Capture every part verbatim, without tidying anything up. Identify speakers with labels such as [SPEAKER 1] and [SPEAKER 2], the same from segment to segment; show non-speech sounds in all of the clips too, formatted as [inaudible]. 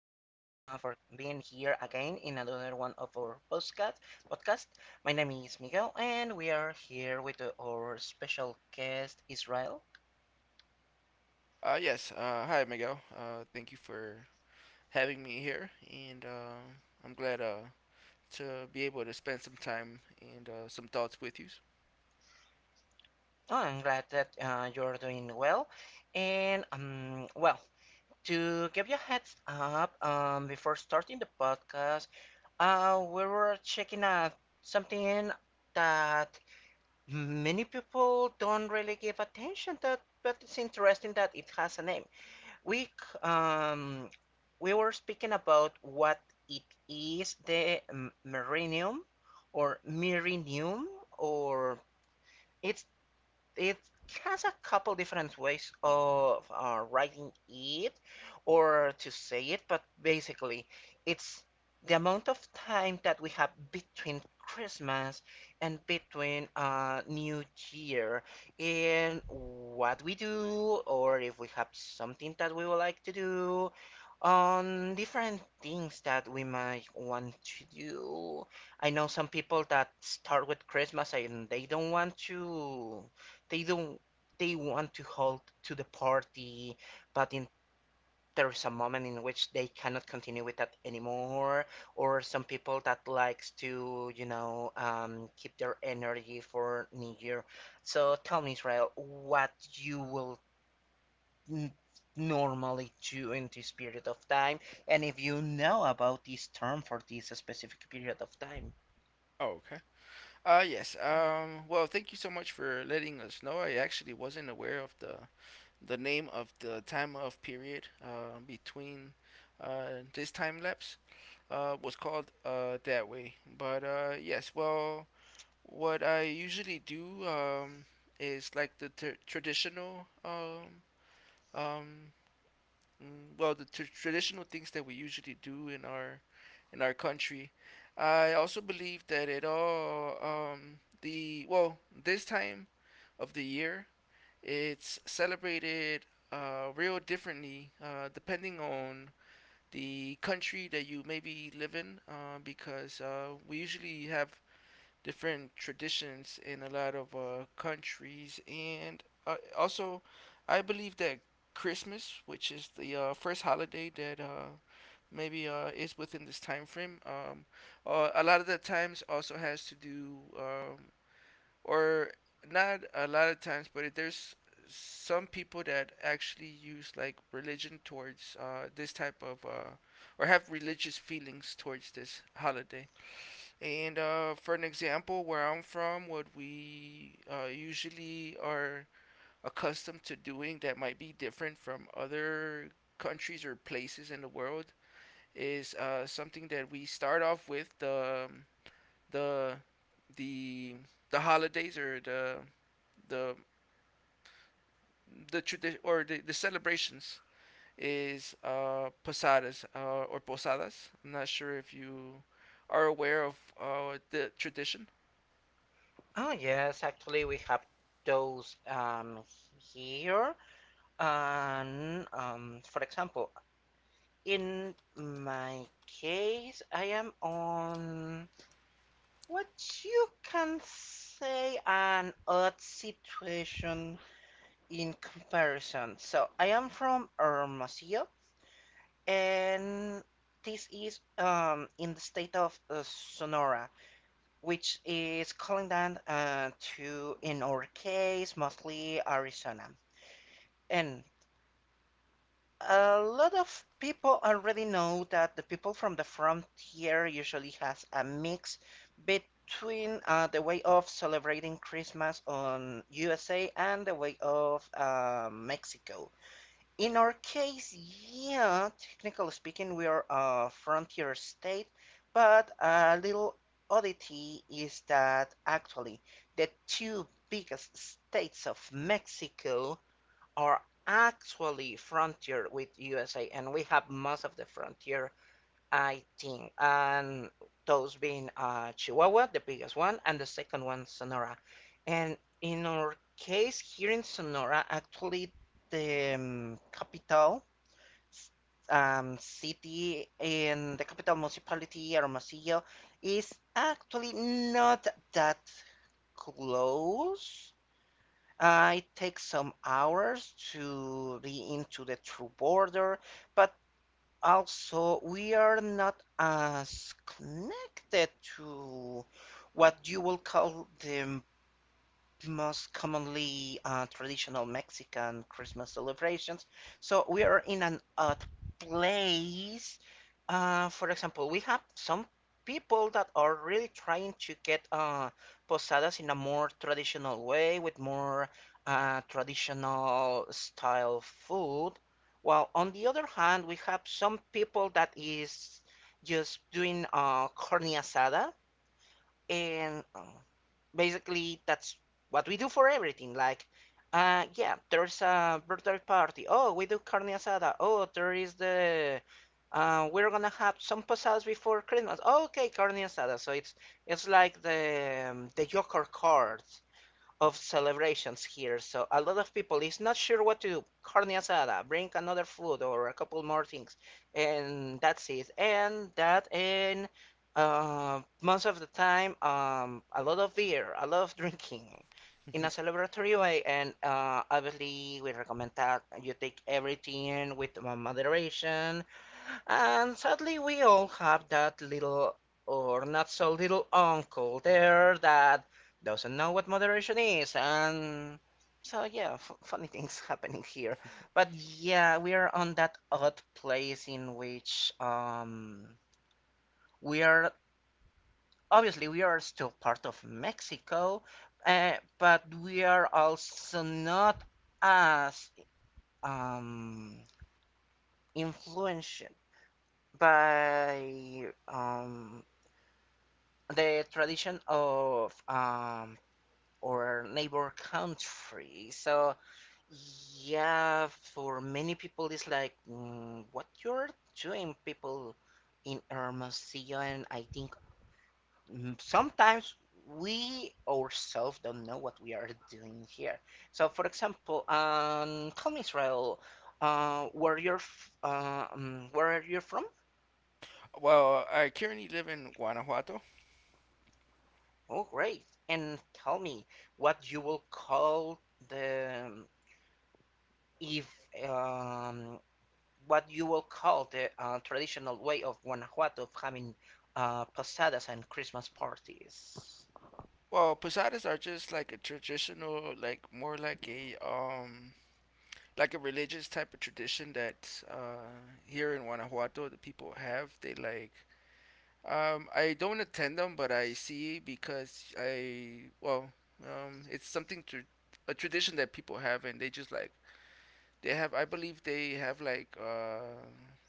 [SPEAKER 1] for being here again in another one of our podcast. Podcast. My name is Miguel, and we are here with uh, our special guest Israel.
[SPEAKER 2] Uh, yes. Uh, hi, Miguel. Uh, thank you for having me here, and uh, I'm glad uh, to be able to spend some time and uh, some thoughts with you.
[SPEAKER 1] Oh, I'm glad that uh, you're doing well. And um, well, to give you a heads up, um, before starting the podcast, uh, we were checking out something that many people don't really give attention to, but it's interesting that it has a name. we c- um we were speaking about what it is, the m- Meridium, or Meridium, or it's it has a couple different ways of uh, writing it or to say it. But basically, it's the amount of time that we have between Christmas and between uh, New Year, and what we do, or if we have something that we would like to do, on different things that we might want to do. I know some people that start with Christmas and they don't want to they don't they want to hold to the party, but in there's a moment in which they cannot continue with that anymore. Or some people that likes to you know um, keep their energy for New Year. So tell me, Israel, what you will n- normally do in this period of time, and if you know about this term for this specific period of time.
[SPEAKER 2] Oh, okay. Uh, yes. Um, well, thank you so much for letting us know. I actually wasn't aware of the the name of the time of period, uh, between, uh, this time lapse uh, was called uh, that way. But uh, yes, well, what I usually do um, is like the tr traditional, um, um, mm, well, the tr traditional things that we usually do in our in our country. I also believe that it all um, the well this time of the year, it's celebrated uh, real differently, uh, depending on the country that you maybe live in, uh, because uh, we usually have different traditions in a lot of uh, countries, and uh, also, I believe that Christmas, which is the uh, first holiday that uh, maybe uh, is within this time frame, um, uh, a lot of the times also has to do, um, or not a lot of times, but there's some people that actually use, like, religion towards, uh, this type of, uh, or have religious feelings towards this holiday. And uh, for an example, where I'm from, what we uh, usually are accustomed to doing that might be different from other countries or places in the world is uh, something that we start off with the um, the the the holidays, or the the the tradition, or the, the celebrations is uh, posadas uh, or posadas. I'm not sure if you are aware of uh, the tradition.
[SPEAKER 1] Oh yes, actually we have those um, here. And um, for example, in my case, I am on what you can say an odd situation in comparison. So I am from Hermosillo, and this is um, in the state of uh, Sonora, which is calling down uh, to, in our case, mostly Arizona. And a lot of people already know that the people from the frontier usually has a mix between uh, the way of celebrating Christmas on U S A and the way of uh, Mexico. In our case, yeah, technically speaking, we are a frontier state, but a little oddity is that actually the two biggest states of Mexico are actually frontier with U S A, and we have most of the frontier, I think, and those being uh, Chihuahua, the biggest one, and the second one, Sonora. And in our case here in Sonora, actually, the um, capital um, city and the capital municipality, Hermosillo, is actually not that close. Uh, it takes some hours to be into the true border, but also we are not as connected to what you will call the the most commonly uh, traditional Mexican Christmas celebrations. So we are in an odd place. Uh, for example, we have some people that are really trying to get uh, posadas in a more traditional way with more uh, traditional style food. While on the other hand, we have some people that is just doing uh, carne asada, and uh, basically that's what we do for everything. Like, uh, yeah, there's a birthday party. Oh, we do carne asada. Oh, there is the uh, we're gonna have some posadas before Christmas. Oh, okay, carne asada. So it's it's like the um, the Joker cards of celebrations here. So a lot of people is not sure what to do. Carne asada, bring another food or a couple more things, and that's it. And that and uh, most of the time, um, a lot of beer, a lot of [laughs] drinking. In a
[SPEAKER 2] [laughs]
[SPEAKER 1] celebratory way. And uh, obviously, we recommend that you take everything with uh, moderation, and sadly, we all have that little or not so little uncle there that doesn't know what moderation is. And so, yeah, f- funny things [laughs] happening here. But yeah, we are on that odd place in which um, we are obviously we are still part of Mexico, uh, but we are also not as um, influenced by um the tradition of um our neighbor country. So yeah, for many people it's like, mm, what you're doing, people in Hermosillo? And I think, mm, sometimes we ourselves don't know what we are doing here. So for example, um, come Israel, uh, where you're, f- uh, um, where you're from?
[SPEAKER 2] Well, I currently live in Guanajuato.
[SPEAKER 1] Oh, great! And tell me what you will call the if um, what you will call the uh, traditional way of Guanajuato of having uh, posadas and Christmas parties.
[SPEAKER 2] Well, posadas are just like a traditional, like more like a um like a religious type of tradition that uh here in Guanajuato the people have. They like um I don't attend them, but I see because I well um it's something to a tradition that people have, and they just, like, they have, I believe they have, like, uh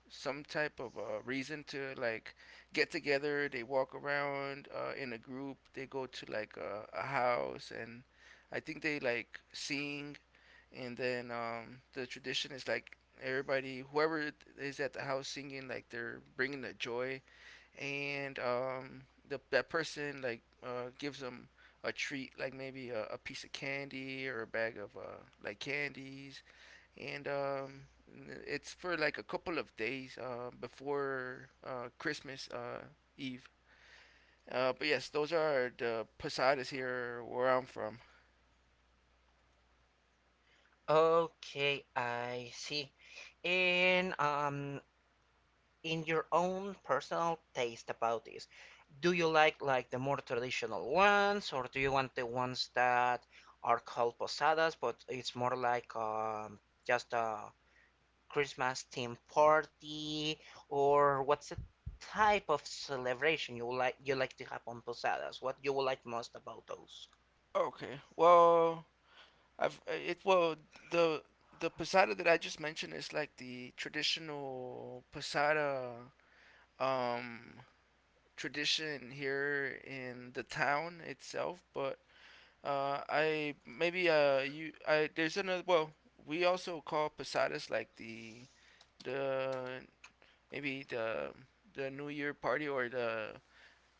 [SPEAKER 2] some type of uh, reason to, like, get together. They walk around uh, in a group. They go to, like, a, a house, and I think they, like, sing. And then um the tradition is like everybody whoever is at the house singing, like, they're bringing the joy, and um, the that person, like, uh, gives them a treat, like maybe a, a piece of candy or a bag of uh, like candies, and um, it's for like a couple of days uh, before uh, Christmas uh, Eve. Uh, but yes, those are the posadas here where I'm from.
[SPEAKER 1] Okay, I see. And um, in your own personal taste about this, do you like like the more traditional ones, or do you want the ones that are called posadas, but it's more like um, just a Christmas theme party? Or what's the type of celebration you like you like to have on posadas? What you would like most about those?
[SPEAKER 2] Okay, well, I've uh, it well the the posada that I just mentioned is like the traditional posada um tradition here in the town itself, but uh, I, maybe, uh you, I, there's another, well, we also call posadas, like, the the maybe the the New Year party, or the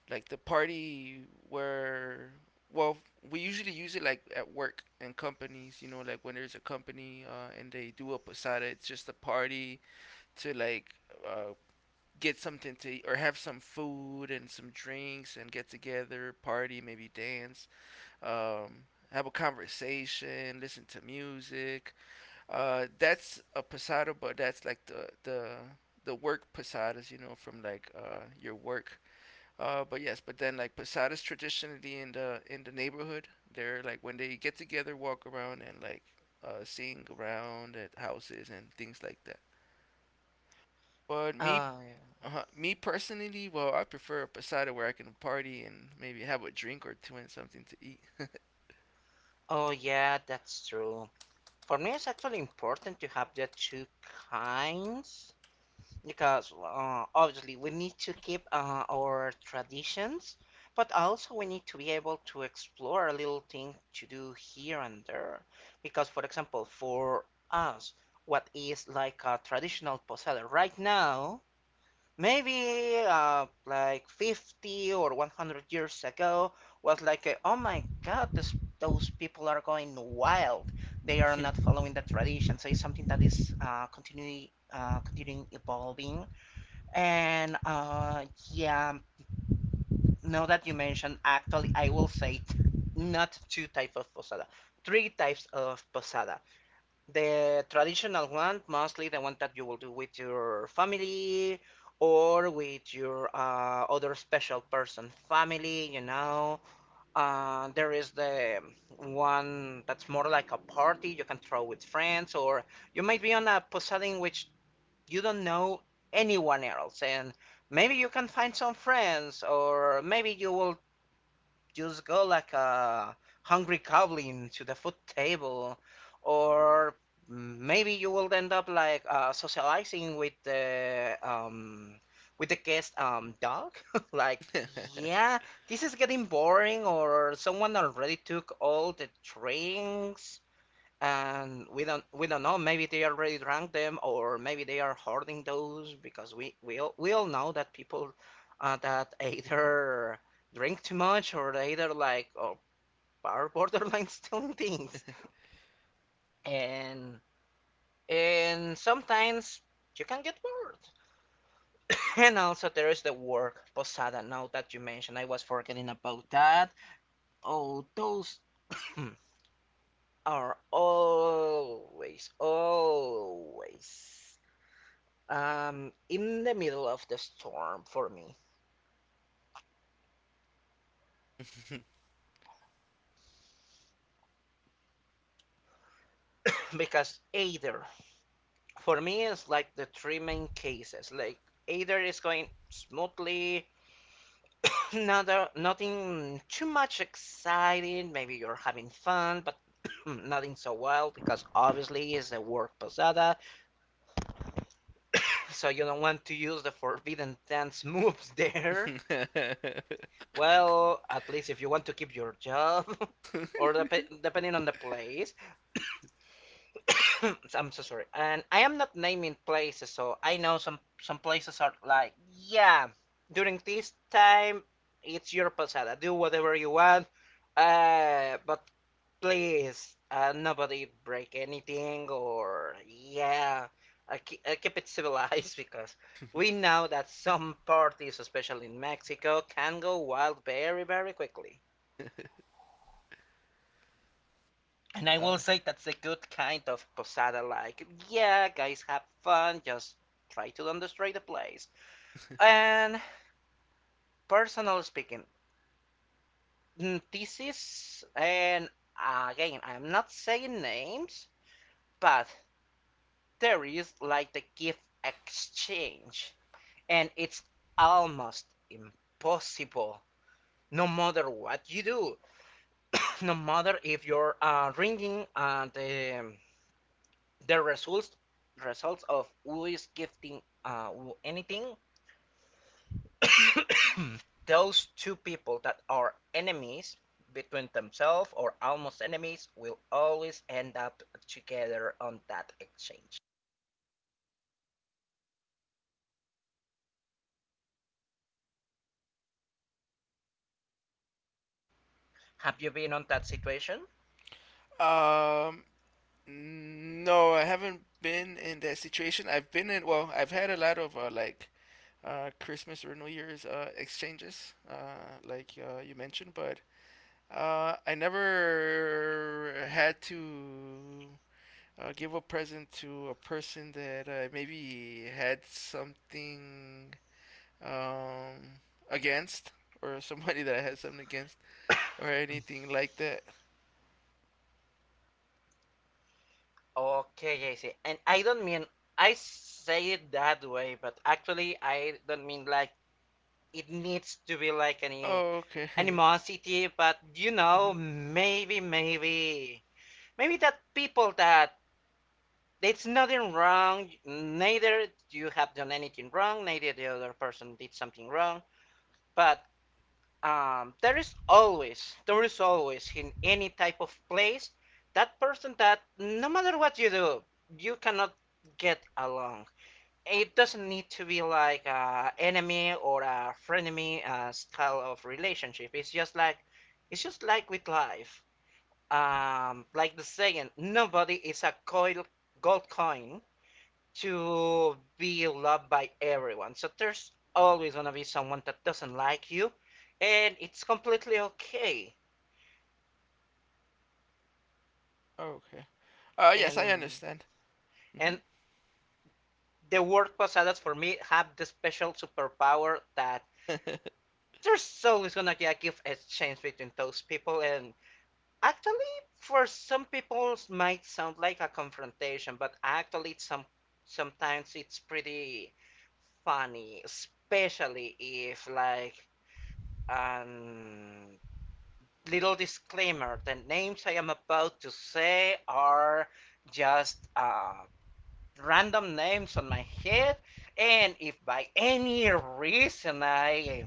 [SPEAKER 2] like the party where, well, we usually use it like at work and companies, you know, like when there's a company, uh, and they do a posada, it's just a party to, like, uh, get something to eat or have some food and some drinks and get together, party, maybe dance, um, have a conversation, listen to music. Uh, that's a posada, but that's like the the the work posadas, you know, from like uh, your work. Uh, but yes, but then, like, posadas traditionally in the in the neighborhood, they're like when they get together, walk around and, like, uh, seeing around at houses and things like that. But me,
[SPEAKER 1] Oh yeah.
[SPEAKER 2] uh, me personally, well, I prefer a posada where I can party and maybe have a drink or two and something to eat.
[SPEAKER 1] Oh yeah, that's true. For me, it's actually important to have the two kinds, because uh, obviously we need to keep uh, our traditions, but also we need to be able to explore a little thing to do here and there. Because, for example, for us, what is like a traditional posada right now, maybe uh, like fifty or one hundred years ago, was like, a, oh my God, this, those people are going wild. They are not following the tradition. So it's something that is uh, continuing, uh, continuing evolving. And uh, yeah, now that you mentioned, actually, I will say t- not two types of posada, three types of posada. The traditional one, mostly the one that you will do with your family or with your uh, other special person, family, you know. Uh, there is the one that's more like a party you can throw with friends, or you might be on a posada in which you don't know anyone else, and maybe you can find some friends, or maybe you will just go like a hungry goblin to the food table. Or maybe you will end up like uh, socializing with the um, with the guest um, dog, [laughs] like, yeah, this is getting boring, or someone already took all the drinks, and we don't we don't know, maybe they already drank them, or maybe they are hoarding those, because we we all, we all know that people uh, that [laughs] either drink too much, or they either like or are [laughs] borderline stealing things. and and sometimes you can get bored. [coughs] And also there is the work posada, now that you mentioned. I was forgetting about that. Oh, those [coughs] are always, always Um, in the middle of the storm for me, [laughs] because either, for me it's like the three main cases. Like, either is going smoothly, [laughs] another nothing too much exciting. Maybe you're having fun, but [clears throat] nothing so, well, because obviously it's a work posada, so you don't want to use the forbidden dance [laughs] moves there.
[SPEAKER 2] [laughs]
[SPEAKER 1] Well, at least if you want to keep your job, [laughs] or dep- depending on the place, [coughs] I'm so sorry. And I am not naming places, so I know some some places are like, yeah, during this time it's your posada. Do whatever you want. Uh, but please, uh, nobody break anything. Or yeah, uh, keep, uh, keep it [laughs] civilized, because we know that some parties, especially in Mexico, can go wild very, very quickly. And I will
[SPEAKER 2] uh,
[SPEAKER 1] say that's a good kind of posada, like, yeah, guys, have fun, just try to don't destroy the place. And personally speaking, mm, this is, and again, I'm not saying names, but there is like the gift exchange, and it's almost impossible no matter what you do, [coughs] no matter if you're uh, ringing uh, the the results results of who is gifting uh, who, anything. [coughs] Those two people that are enemies between themselves, or almost enemies, will always end up together on that exchange. Have you been on that situation?
[SPEAKER 2] um, no, I haven't been in that situation. I've been in, well, I've had a lot of, uh, like, uh, Christmas or New Year's uh, exchanges, uh, like uh, you mentioned, but uh, I never had to, uh, give a present to a person that I maybe had something, um, against, or [laughs] somebody that I had something against, or
[SPEAKER 1] [coughs]
[SPEAKER 2] anything like that.
[SPEAKER 1] Okay, I see. And I don't mean, I say it that way, but actually I don't mean like it needs to be like any
[SPEAKER 2] Okay. [laughs]
[SPEAKER 1] animosity. But you know, maybe maybe maybe that people that, it's nothing wrong, neither you have done anything wrong, neither the other person did something wrong, but um, there is always, there is always in any type of place that person that no matter what you do, you cannot get along. It doesn't need to be like a enemy or a frenemy uh, style of relationship. It's just like it's just like with life. Um, like the saying, nobody is a coil, gold coin to be loved by everyone. So there's always gonna be someone that doesn't like you, and it's completely okay.
[SPEAKER 2] Okay. Uh, yes, I
[SPEAKER 1] And
[SPEAKER 2] understand. Hmm.
[SPEAKER 1] and the word posadas for me have the special superpower that
[SPEAKER 2] [laughs]
[SPEAKER 1] there's always gonna be a gift exchange between those people. And actually, for some people, it might sound like a confrontation, but actually, it's some sometimes it's pretty funny, especially if like um little disclaimer, the names I am about to say are just uh random names on my head. And if by any reason I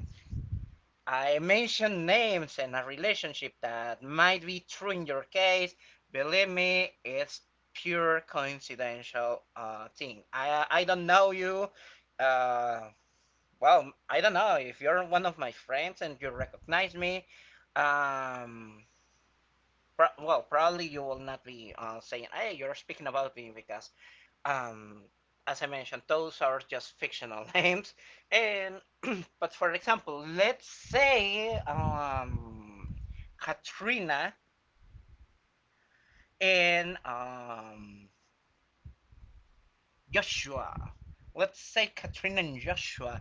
[SPEAKER 1] I mention names and a relationship that might be true in your case, believe me, it's pure coincidental uh, thing. I I don't know you. Uh, well, I don't know. If you're one of my friends and you recognize me, um, pro well, probably you will not be uh, saying, "Hey, you're speaking about me," because, um, as I mentioned, those are just fictional [laughs] names. And [clears throat] but for example, let's say um, Katrina and um, Joshua. Let's say Katrina and Joshua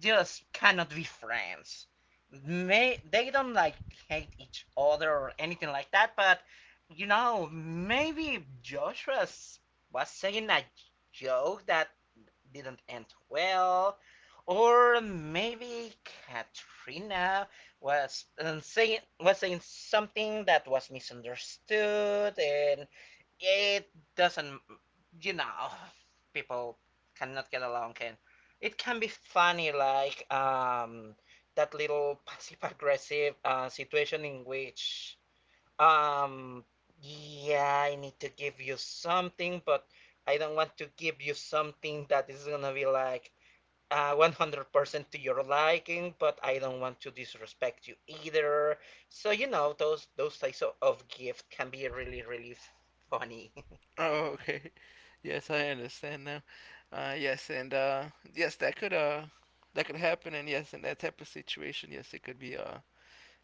[SPEAKER 1] just cannot be friends. May they don't like hate each other or anything like that, but you know, maybe Joshua was saying a joke that didn't end well, or maybe Katrina was um, saying was saying something that was misunderstood, and it doesn't, you know, people cannot get along, and it can be funny, like um that little passive aggressive uh, situation in which um yeah, I need to give you something, but I don't want to give you something that is gonna be like uh, one hundred percent to your liking, but I don't want to disrespect you either. So you know, those those types of, of gift can be really, really funny. [laughs]
[SPEAKER 2] Oh, okay. Yes, I understand now. Uh, yes, and uh, yes, that could uh, that could happen, and yes, in that type of situation, yes, it could be uh,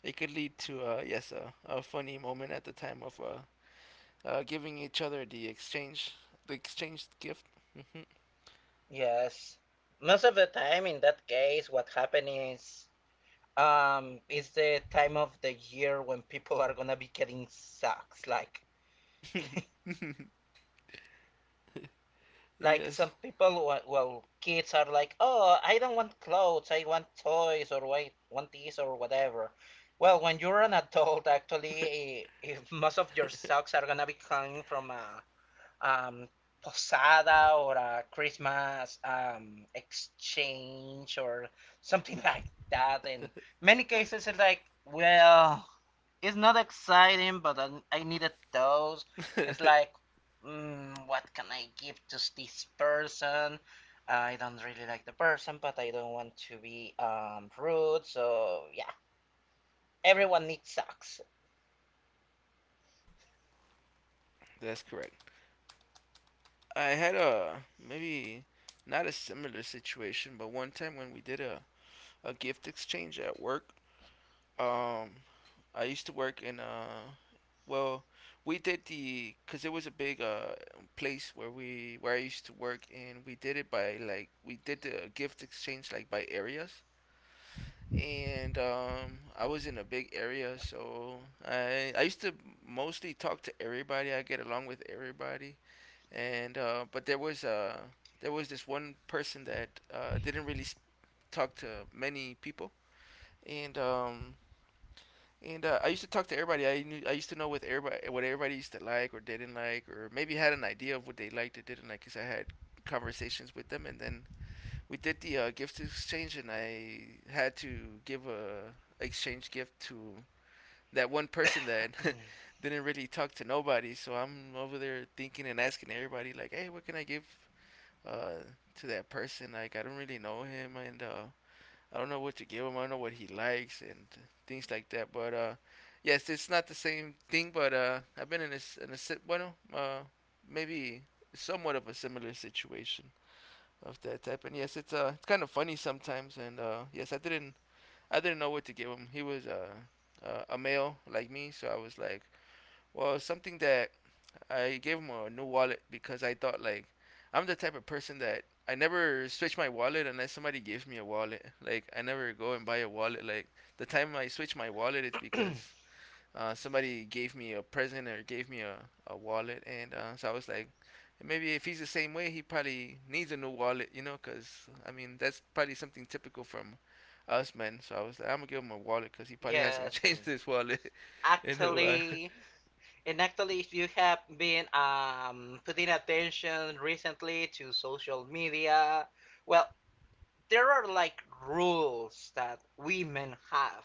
[SPEAKER 2] it could lead to, uh, yes, a, a funny moment at the time of, uh, uh, giving each other the exchange, the exchanged gift.
[SPEAKER 1] Yes. Most of the time in that case what happen is um is the time of the year when people are gonna be getting socks, like [laughs]
[SPEAKER 2] [laughs]
[SPEAKER 1] like some
[SPEAKER 2] Yes,
[SPEAKER 1] people wa- well kids are like, oh, I don't want clothes, I want toys or I want this or whatever. Well, when you're an adult, actually, eh, if [laughs] most of your socks are gonna be coming from a um, posada or a Christmas um, exchange or something [laughs] like that. In many cases, it's like, well, it's not exciting, but I, I needed those. It's like, mm, what can I give to this person? I don't really like the person, but I don't want to be um, rude. So yeah, everyone needs socks.
[SPEAKER 2] that's correct. I had a maybe not a similar situation, but one time when we did a, a gift exchange at work, um, I used to work in a, well, we did the, because it was a big uh place where we where I used to work, and we did it by like we did the gift exchange like by areas. And um, I was in a big area, so I I used to mostly talk to everybody. I get along with everybody, and, uh, but there was uh, there was this one person that uh, didn't really s- talk to many people, and um, and uh, I used to talk to everybody. I knew I used to know what everybody, what everybody used to like or didn't like, or maybe had an idea of what they liked or didn't like, because I had conversations with them, and then we did the uh, gift exchange, and I had to give a exchange gift to that one person that [laughs]
[SPEAKER 1] [coughs]
[SPEAKER 2] didn't really talk to nobody. So I'm over there thinking and asking everybody, like, hey, what can I give, uh, to that person? Like, I don't really know him, and uh, I don't know what to give him. I don't know what he likes and things like that. But uh, yes, it's not the same thing. But uh, I've been in a in a si- bueno, uh, maybe somewhat of a similar situation of that type. And yes, it's uh, it's kind of funny sometimes. And uh, yes, I didn't I didn't know what to give him. He was, uh, uh, a male like me, so I was like, well, something that I gave him a new wallet because I thought, like, I'm the type of person that I never switch my wallet unless somebody gives me a wallet. Like, I never go and buy a wallet. Like, the time I switch my wallet, it's because uh, somebody gave me a present or gave me a, a wallet, and uh, so I was like, maybe if he's the same way, he probably needs a new wallet, you know, because I mean, that's probably something typical from us men. So I was like, I'm gonna give him a wallet because he probably [laughs] hasn't
[SPEAKER 1] Yes,
[SPEAKER 2] changed
[SPEAKER 1] and
[SPEAKER 2] his wallet [laughs] in a while.
[SPEAKER 1] actually, and actually, if you have been um, putting attention recently to social media, well, there are like rules that women have,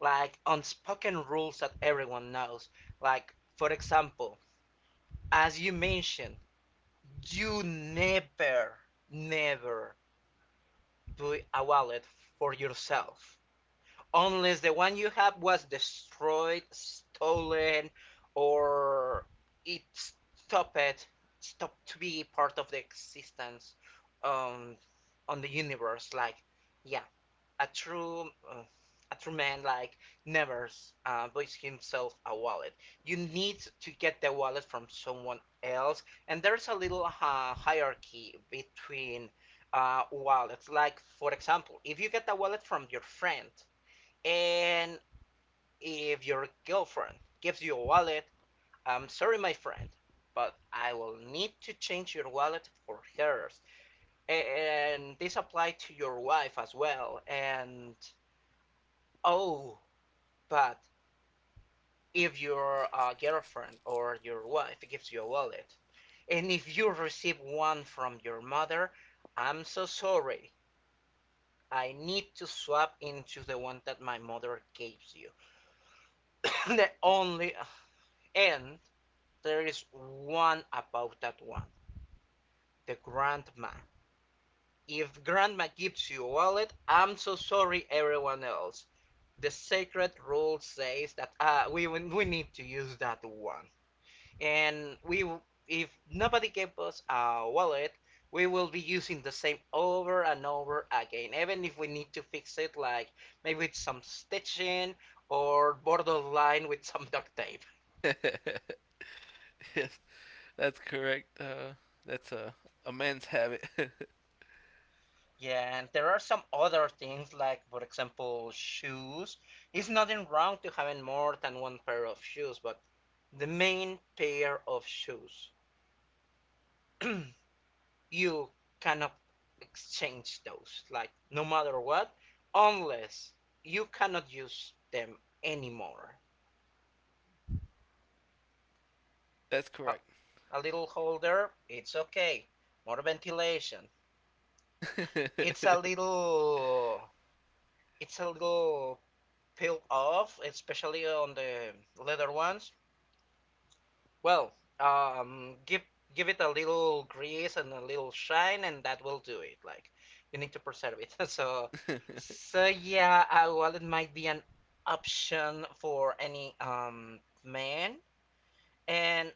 [SPEAKER 1] like unspoken rules that everyone knows. Like, for example, as you mentioned, you never, never buy a wallet for yourself, unless the one you have was destroyed, stolen, or it stopped, stopped to be part of the existence um, on the universe. Like, yeah, a true. Uh, a true man like never uh, buys himself a wallet. You need to get the wallet from someone else, and there's a little uh, hierarchy between uh, wallets. Like for example, if you get a wallet from your friend, and if your girlfriend gives you a wallet, I'm sorry, my friend, but I will need to change your wallet for hers. And this applies to your wife as well. And oh, but if your uh, girlfriend or your wife gives you a wallet, and if you receive one from your mother, I'm so sorry. I need to swap into the one that my mother gives you. [coughs] the only and There is one about that one, the grandma. If grandma gives you a wallet, I'm so sorry, everyone else. The sacred rule says that uh, we we need to use that one, and we, if nobody gave us a wallet, we will be using the same over and over again. Even if we need to fix it, like maybe with some stitching or borderline with some duct tape.
[SPEAKER 2] [laughs] Yes, that's correct. Uh, that's a a man's habit.
[SPEAKER 1] Yeah, and there are some other things like, for example, shoes. It's nothing wrong to having more than one pair of shoes, but the main pair of shoes, [clears throat] you cannot exchange those, like no matter what, unless you cannot use them anymore.
[SPEAKER 2] [laughs] That's
[SPEAKER 1] A,
[SPEAKER 2] correct.
[SPEAKER 1] a little holder, it's okay. More ventilation. It's a little, it's a little peeled off, especially on the leather ones. Well, um, give give it a little grease and a little shine, and that will do it. Like you need to preserve it. [laughs] So,
[SPEAKER 2] [laughs]
[SPEAKER 1] so yeah, uh, well, it might be an option for any um man, and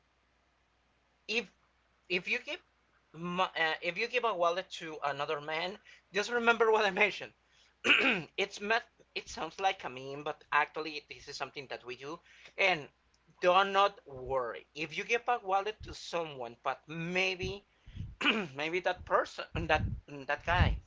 [SPEAKER 1] if if you give Mo- uh, if you give a wallet to another man, just remember what I mentioned. [clears throat] It's met. It sounds like a meme, but actually, this is something that we do. And do not worry. If you give a wallet to someone, but maybe, [clears throat] maybe that person, that that guy,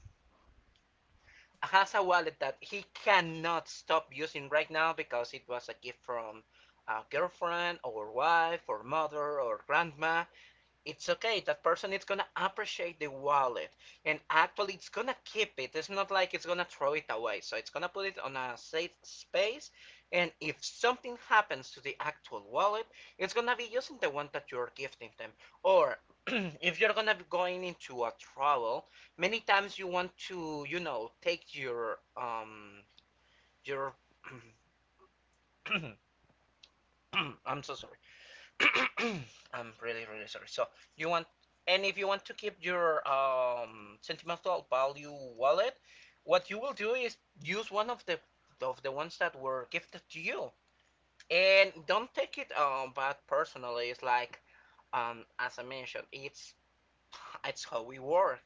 [SPEAKER 1] has a wallet that he cannot stop using right now because it was a gift from a girlfriend or wife or mother or grandma, it's okay. That person is gonna appreciate the wallet, and actually, it's gonna keep it. It's not like it's gonna throw it away. So it's gonna put it on a safe space, and if something happens to the actual wallet, it's gonna be using the one that you're gifting them. Or [clears throat] if you're gonna be going into a travel, many times you want to, you know, take your um your. [clears throat] I'm so sorry. [clears throat] I'm really, really sorry. So you want, and if you want to keep your um, sentimental value wallet, what you will do is use one of the of the ones that were gifted to you, and don't take it um, bad personally. It's like um, as I mentioned, it's it's how we work.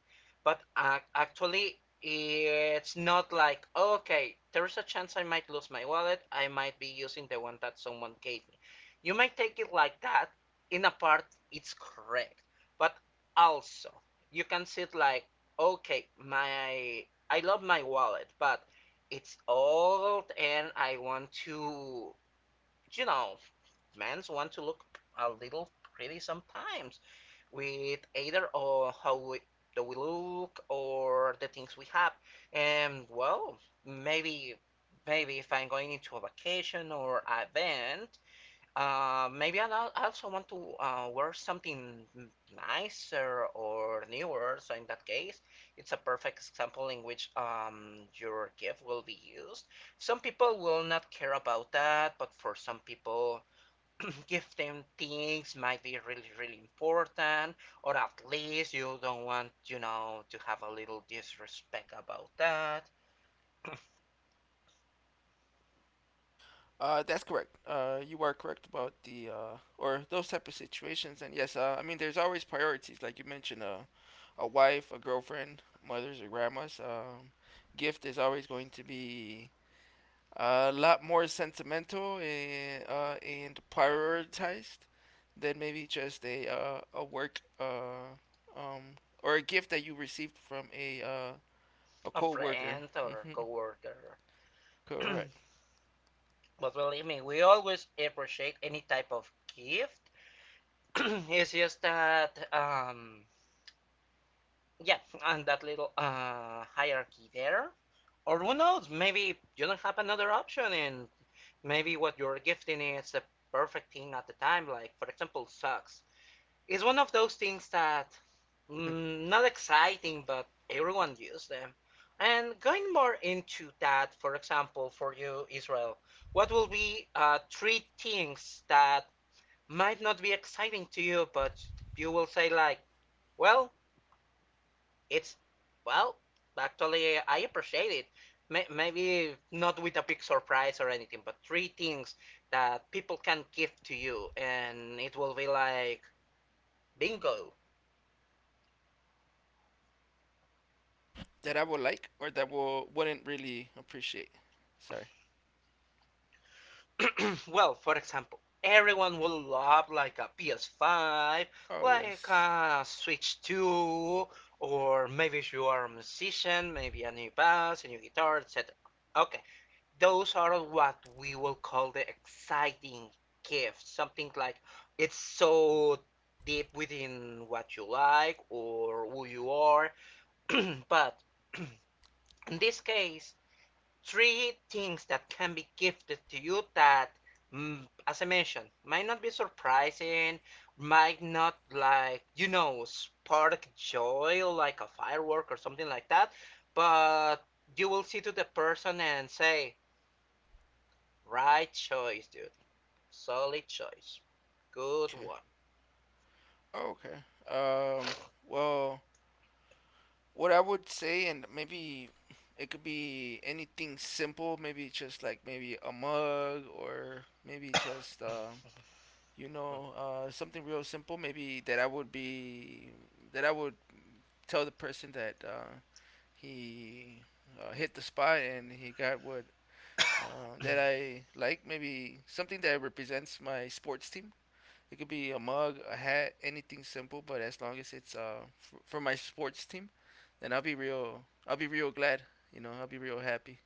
[SPEAKER 1] But uh, actually, it's not like, okay, there's a chance I might lose my wallet. I might be using the one that someone gave me. You might take it like that. In a part, it's correct. But also, you can see it like, okay, my I love my wallet, but it's old and I want to, you know, men want to look a little pretty sometimes with either or how we, do we look or the things we have. And well, maybe, maybe if I'm going into a vacation or an event, uh, maybe I also want to uh, wear something nicer or newer. So in that case, it's a perfect example in which um, your gift will be used. Some people will not care about that, but for some people, [clears throat] give them things might be really, really important, or at least you don't want, you know, to have a little disrespect about that.
[SPEAKER 2] Uh, that's correct. Uh, you are correct about the uh, or those type of situations. And yes, uh, I mean, there's always priorities, like you mentioned: uh, a wife, a girlfriend, mothers or grandmas. Um, gift is always going to be a lot more sentimental and, uh, and prioritized than maybe just a uh, a work, uh, um, or a gift that you received from a uh, a
[SPEAKER 1] A
[SPEAKER 2] coworker.
[SPEAKER 1] friend or a coworker.
[SPEAKER 2] [laughs]
[SPEAKER 1] [clears throat]
[SPEAKER 2] Correct.
[SPEAKER 1] But believe me, we always appreciate any type of gift. [clears throat] It's just that um yeah, and that little uh hierarchy there, or who knows, maybe you don't have another option, and maybe what you're gifting is the perfect thing at the time, like for example, socks. It's one of those things that, mm, not exciting, but everyone uses them. And going more into that, for example, for you, Israel, what will be uh, three things that might not be exciting to you, but you will say like, well, it's well, actually, I appreciate it. Maybe not with a big surprise or anything, but three things that people can give to you, and it will be like bingo.
[SPEAKER 2] That I would like or that will wouldn't really appreciate. Sorry.
[SPEAKER 1] [clears throat] Well, for example, everyone will love like a P S five,
[SPEAKER 2] Oh,
[SPEAKER 1] like
[SPEAKER 2] yes.
[SPEAKER 1] a Switch two, or maybe if you are a musician, maybe a new bass, a new guitar, et cetera. Okay, those are what we will call the exciting gifts. Something like it's so deep within what you like or who you are. [clears throat] But [clears throat] in this case, three things that can be gifted to you that, mm, as I mentioned, might not be surprising, might not like, you know, spark joy like a firework or something like that, but you will see to the person and say, right choice, dude. Solid choice. Good
[SPEAKER 2] Okay.
[SPEAKER 1] one.
[SPEAKER 2] Oh, okay. Um. Well, what I would say, and maybe it could be anything simple. Maybe just, like, maybe a mug, or maybe just, uh, you know,
[SPEAKER 1] [coughs]
[SPEAKER 2] uh, something real simple. Maybe that I would be that I would tell the person that uh, he uh, hit the spot and he got what uh, that I like. Maybe something that represents my sports team. It could be a mug, a hat, anything simple, but as long as it's, uh, for, for my sports team, then I'll be real. I'll be real glad. You know, I'll be real happy.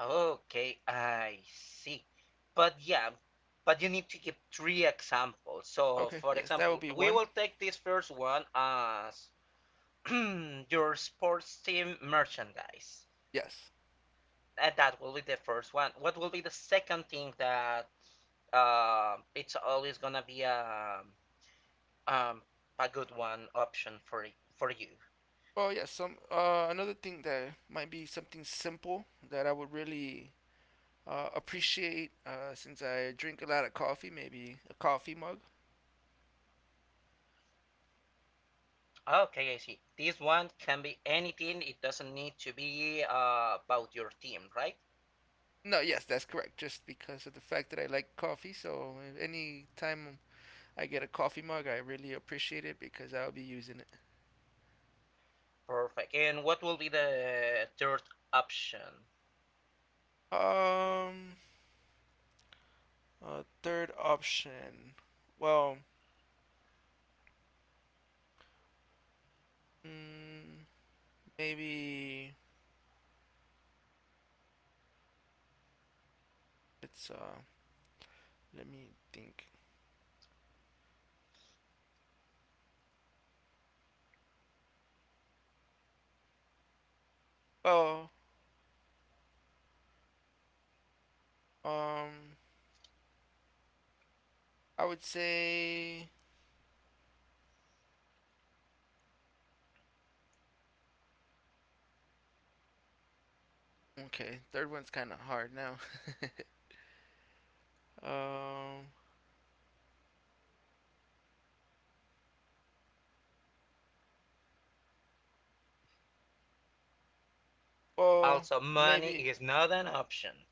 [SPEAKER 1] Okay, I see. But yeah, but you need to give three examples. So,
[SPEAKER 2] Okay,
[SPEAKER 1] for
[SPEAKER 2] yes, that would
[SPEAKER 1] example,
[SPEAKER 2] be
[SPEAKER 1] we
[SPEAKER 2] one.
[SPEAKER 1] will take this first one as [clears throat] your sports team merchandise.
[SPEAKER 2] Yes.
[SPEAKER 1] And that will be the first one. What will be the second thing that uh, it's always gonna be a um, a good one option for y- for you?
[SPEAKER 2] Oh, yes. Some uh, Another thing that might be something simple that I would really, uh, appreciate, uh, since I drink a lot of coffee. Maybe a coffee mug.
[SPEAKER 1] Okay, I see. This one can be anything. It doesn't need to be uh, about your team, right?
[SPEAKER 2] No, yes, that's correct. Just because of the fact that I like coffee, so any time I get a coffee mug, I really appreciate it because I'll be using
[SPEAKER 1] Perfect. And what will be the third option?
[SPEAKER 2] it. Um, uh, third option. Well, mm, maybe it's uh. Let me think. Well, um, I would say, okay. Third one's kind of hard now. [laughs] Um, well,
[SPEAKER 1] Also, money
[SPEAKER 2] maybe,
[SPEAKER 1] is not an option.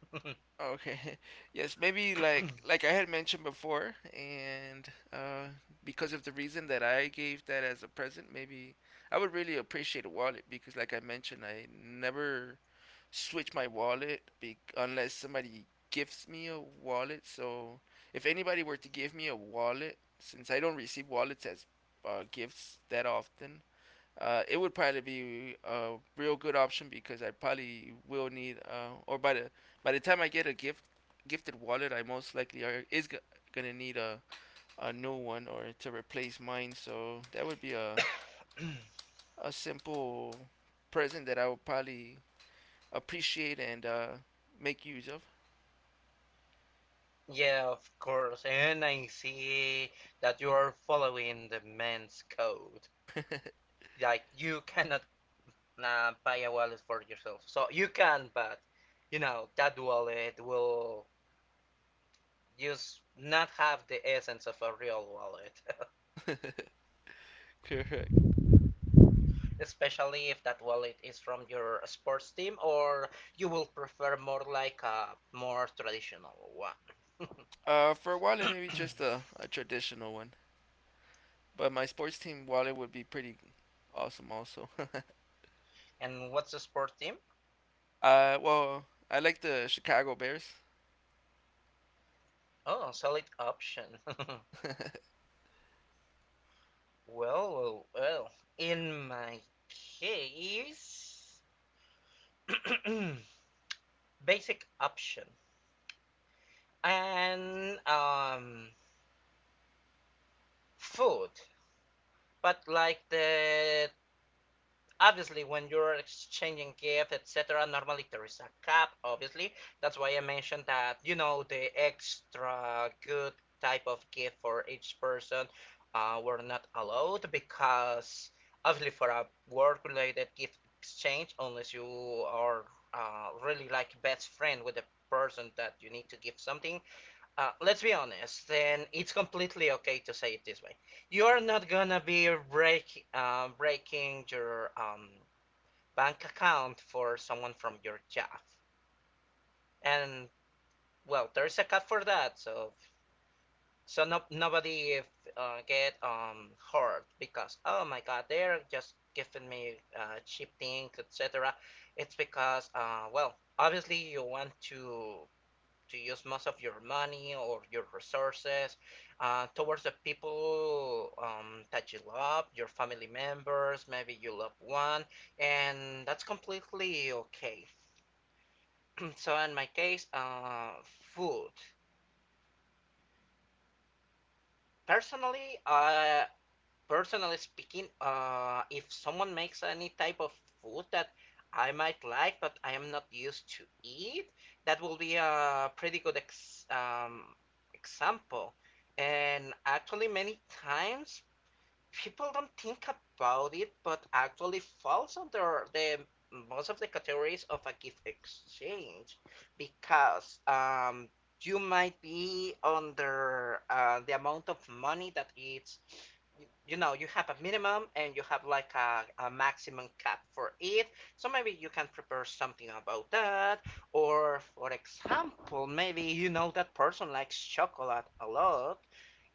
[SPEAKER 2] okay. [laughs] Yes, maybe, like like I had mentioned before, and uh, because of the reason that I gave that as a present, maybe I would really appreciate a wallet because, like I mentioned, I never switch my wallet be- unless somebody gifts me a wallet. So if anybody uh, it would probably be a real good option because I probably will need, uh, or by the by the time I get a gift gifted wallet, I most likely are is go- gonna need a a new one or to replace mine. So that would be a
[SPEAKER 1] [coughs]
[SPEAKER 2] a simple present that I would probably appreciate and uh, make use of.
[SPEAKER 1] Yeah, of course. And I see that you are following the man's code. Like, you cannot uh, buy a wallet for yourself. So, you can, but, you know, that wallet will just not have the essence of a real wallet. [laughs]
[SPEAKER 2] [laughs]
[SPEAKER 1] Especially if that wallet is from your sports team, or you will prefer more like a more traditional one.
[SPEAKER 2] Uh, for a wallet, maybe just
[SPEAKER 1] [coughs]
[SPEAKER 2] a, a traditional one. But my sports team wallet would be pretty awesome, also. [laughs]
[SPEAKER 1] And what's a sports team?
[SPEAKER 2] Uh, well, I like the Chicago Bears.
[SPEAKER 1] Oh, solid option. [laughs]
[SPEAKER 2] [laughs]
[SPEAKER 1] Well, well, well. In my case, [coughs] basic option and um food, but like the obviously when you're exchanging gift et cetera normally there is a cap obviously. That's why I mentioned that you know the extra good type of gift for each person uh, were not allowed because obviously for a work related gift exchange unless you are uh, really like best friend with the person that you need to give something. Uh, let's be honest, and it's completely okay to say it this way. You're not gonna be break, uh, breaking your um, bank account for someone from your job, and well, there's a cut for that. So, so no, nobody if, uh, get um, hurt because oh my god, they're just giving me uh, cheap things, et cetera. It's because uh, well, obviously you want to to use most of your money or your resources uh, towards the people um, that you love, your family members, maybe you love one, and that's completely okay. [clears throat] So in my case, uh, food. Personally, I personally speaking, uh, if someone makes any type of food that I might like but I am not used to eat, that will be a pretty good ex um, example. And actually, many times people don't think about it, but actually falls under the most of the categories of a gift exchange because um, you might be under uh, the amount of money that it's, you know you have a minimum and you have like a, a maximum cap for it. So maybe you can prepare something about that, or for example maybe you know that person likes chocolate a lot,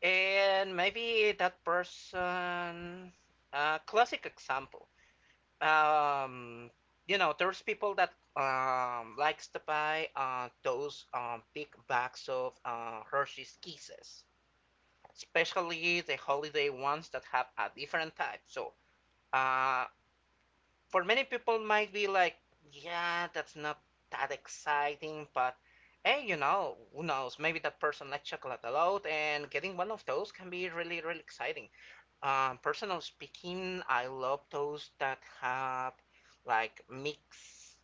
[SPEAKER 1] and maybe that person, uh, classic example. Um, you know, there's people that um, likes to buy uh, those um, big bags of uh, Hershey's Kisses, especially the holiday ones that have a different type. So, uh, for many people, might be like, yeah, that's not that exciting, but hey, you know, who knows? Maybe that person likes chocolate a lot, and getting one of those can be really, really exciting. Um, personal speaking, I love those that have like mixed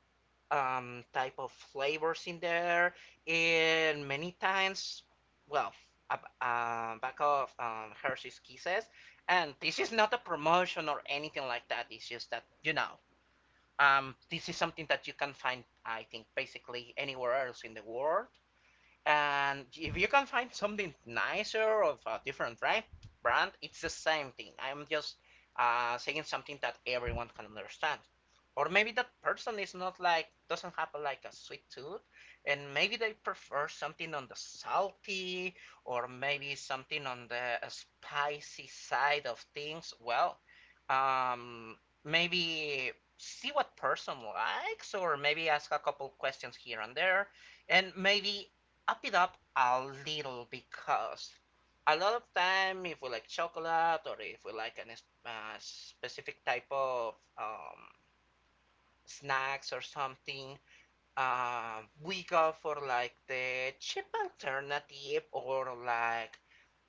[SPEAKER 1] um, type of flavors in there. And many times, well, uh, uh, back of um, Hershey's Kisses. And this is not a promotion or anything like that. It's just that, you know, um, this is something that you can find, I think, basically anywhere else in the world. And if you can find something nicer of a different brand, brand, it's the same thing. I'm just uh, saying something that everyone can understand. Or maybe that person is not like doesn't have like a sweet tooth, and maybe they prefer something on the salty or maybe something on the spicy side of things. Well, um, maybe see what person likes, or maybe ask a couple questions here and there, and maybe up it up a little because a lot of time if we like chocolate or if we like a uh, specific type of um, snacks or something, uh, we go for like the cheap alternative or like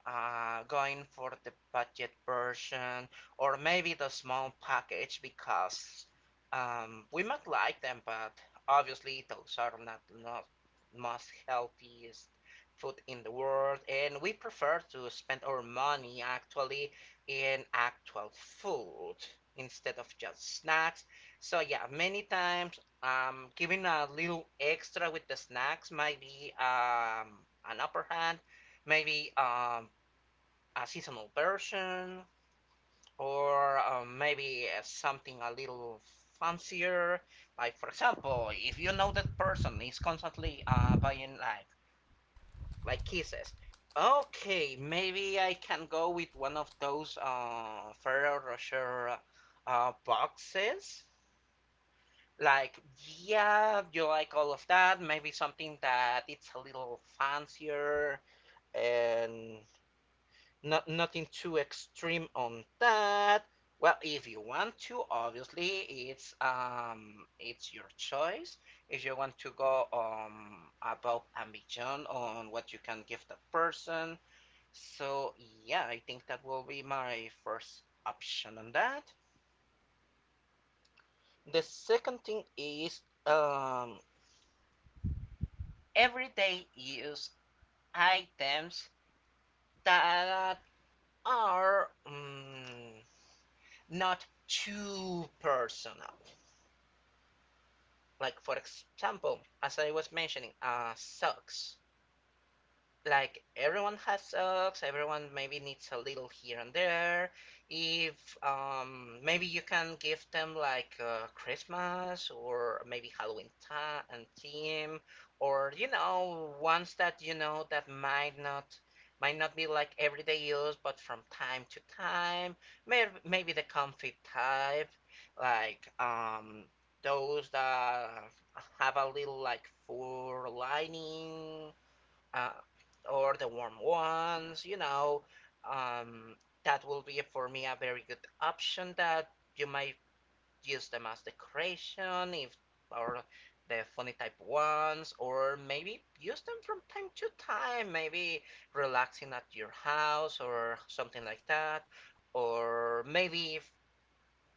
[SPEAKER 1] uh, going for the budget version or maybe the small package because um, we might like them, but obviously those are not not most healthiest food in the world, and we prefer to spend our money actually in actual food instead of just snacks. So yeah, many times um, giving a little extra with the snacks might be um, an upper hand. Maybe um, a seasonal version, or uh, maybe uh, something a little fancier. Like, for example, if you know that person is constantly uh, buying like like kisses, okay, maybe I can go with one of those uh, Ferrero Rocher uh, boxes. Like, yeah, you like all of that. Maybe something that it's a little fancier and not nothing too extreme on that. Well, if you want to, obviously it's um it's your choice. If you want to go um above and beyond on what you can give the person. So yeah, I think that will be my first option on that. The second thing is um everyday use items that are um not too personal. Like for example, as I was mentioning, uh, socks. Like, everyone has socks, everyone maybe needs a little here and there. If um, maybe you can give them like uh, Christmas or maybe Halloween time and theme, or you know ones that you know that might not might not be like everyday use but from time to time, maybe, maybe the comfy type, like um those that have a little like fur lining, uh, or the warm ones, you know, um, that will be for me a very good option. That you might use them as decoration, if, or the funny type ones, or maybe use them from time to time, maybe relaxing at your house or something like that, or maybe if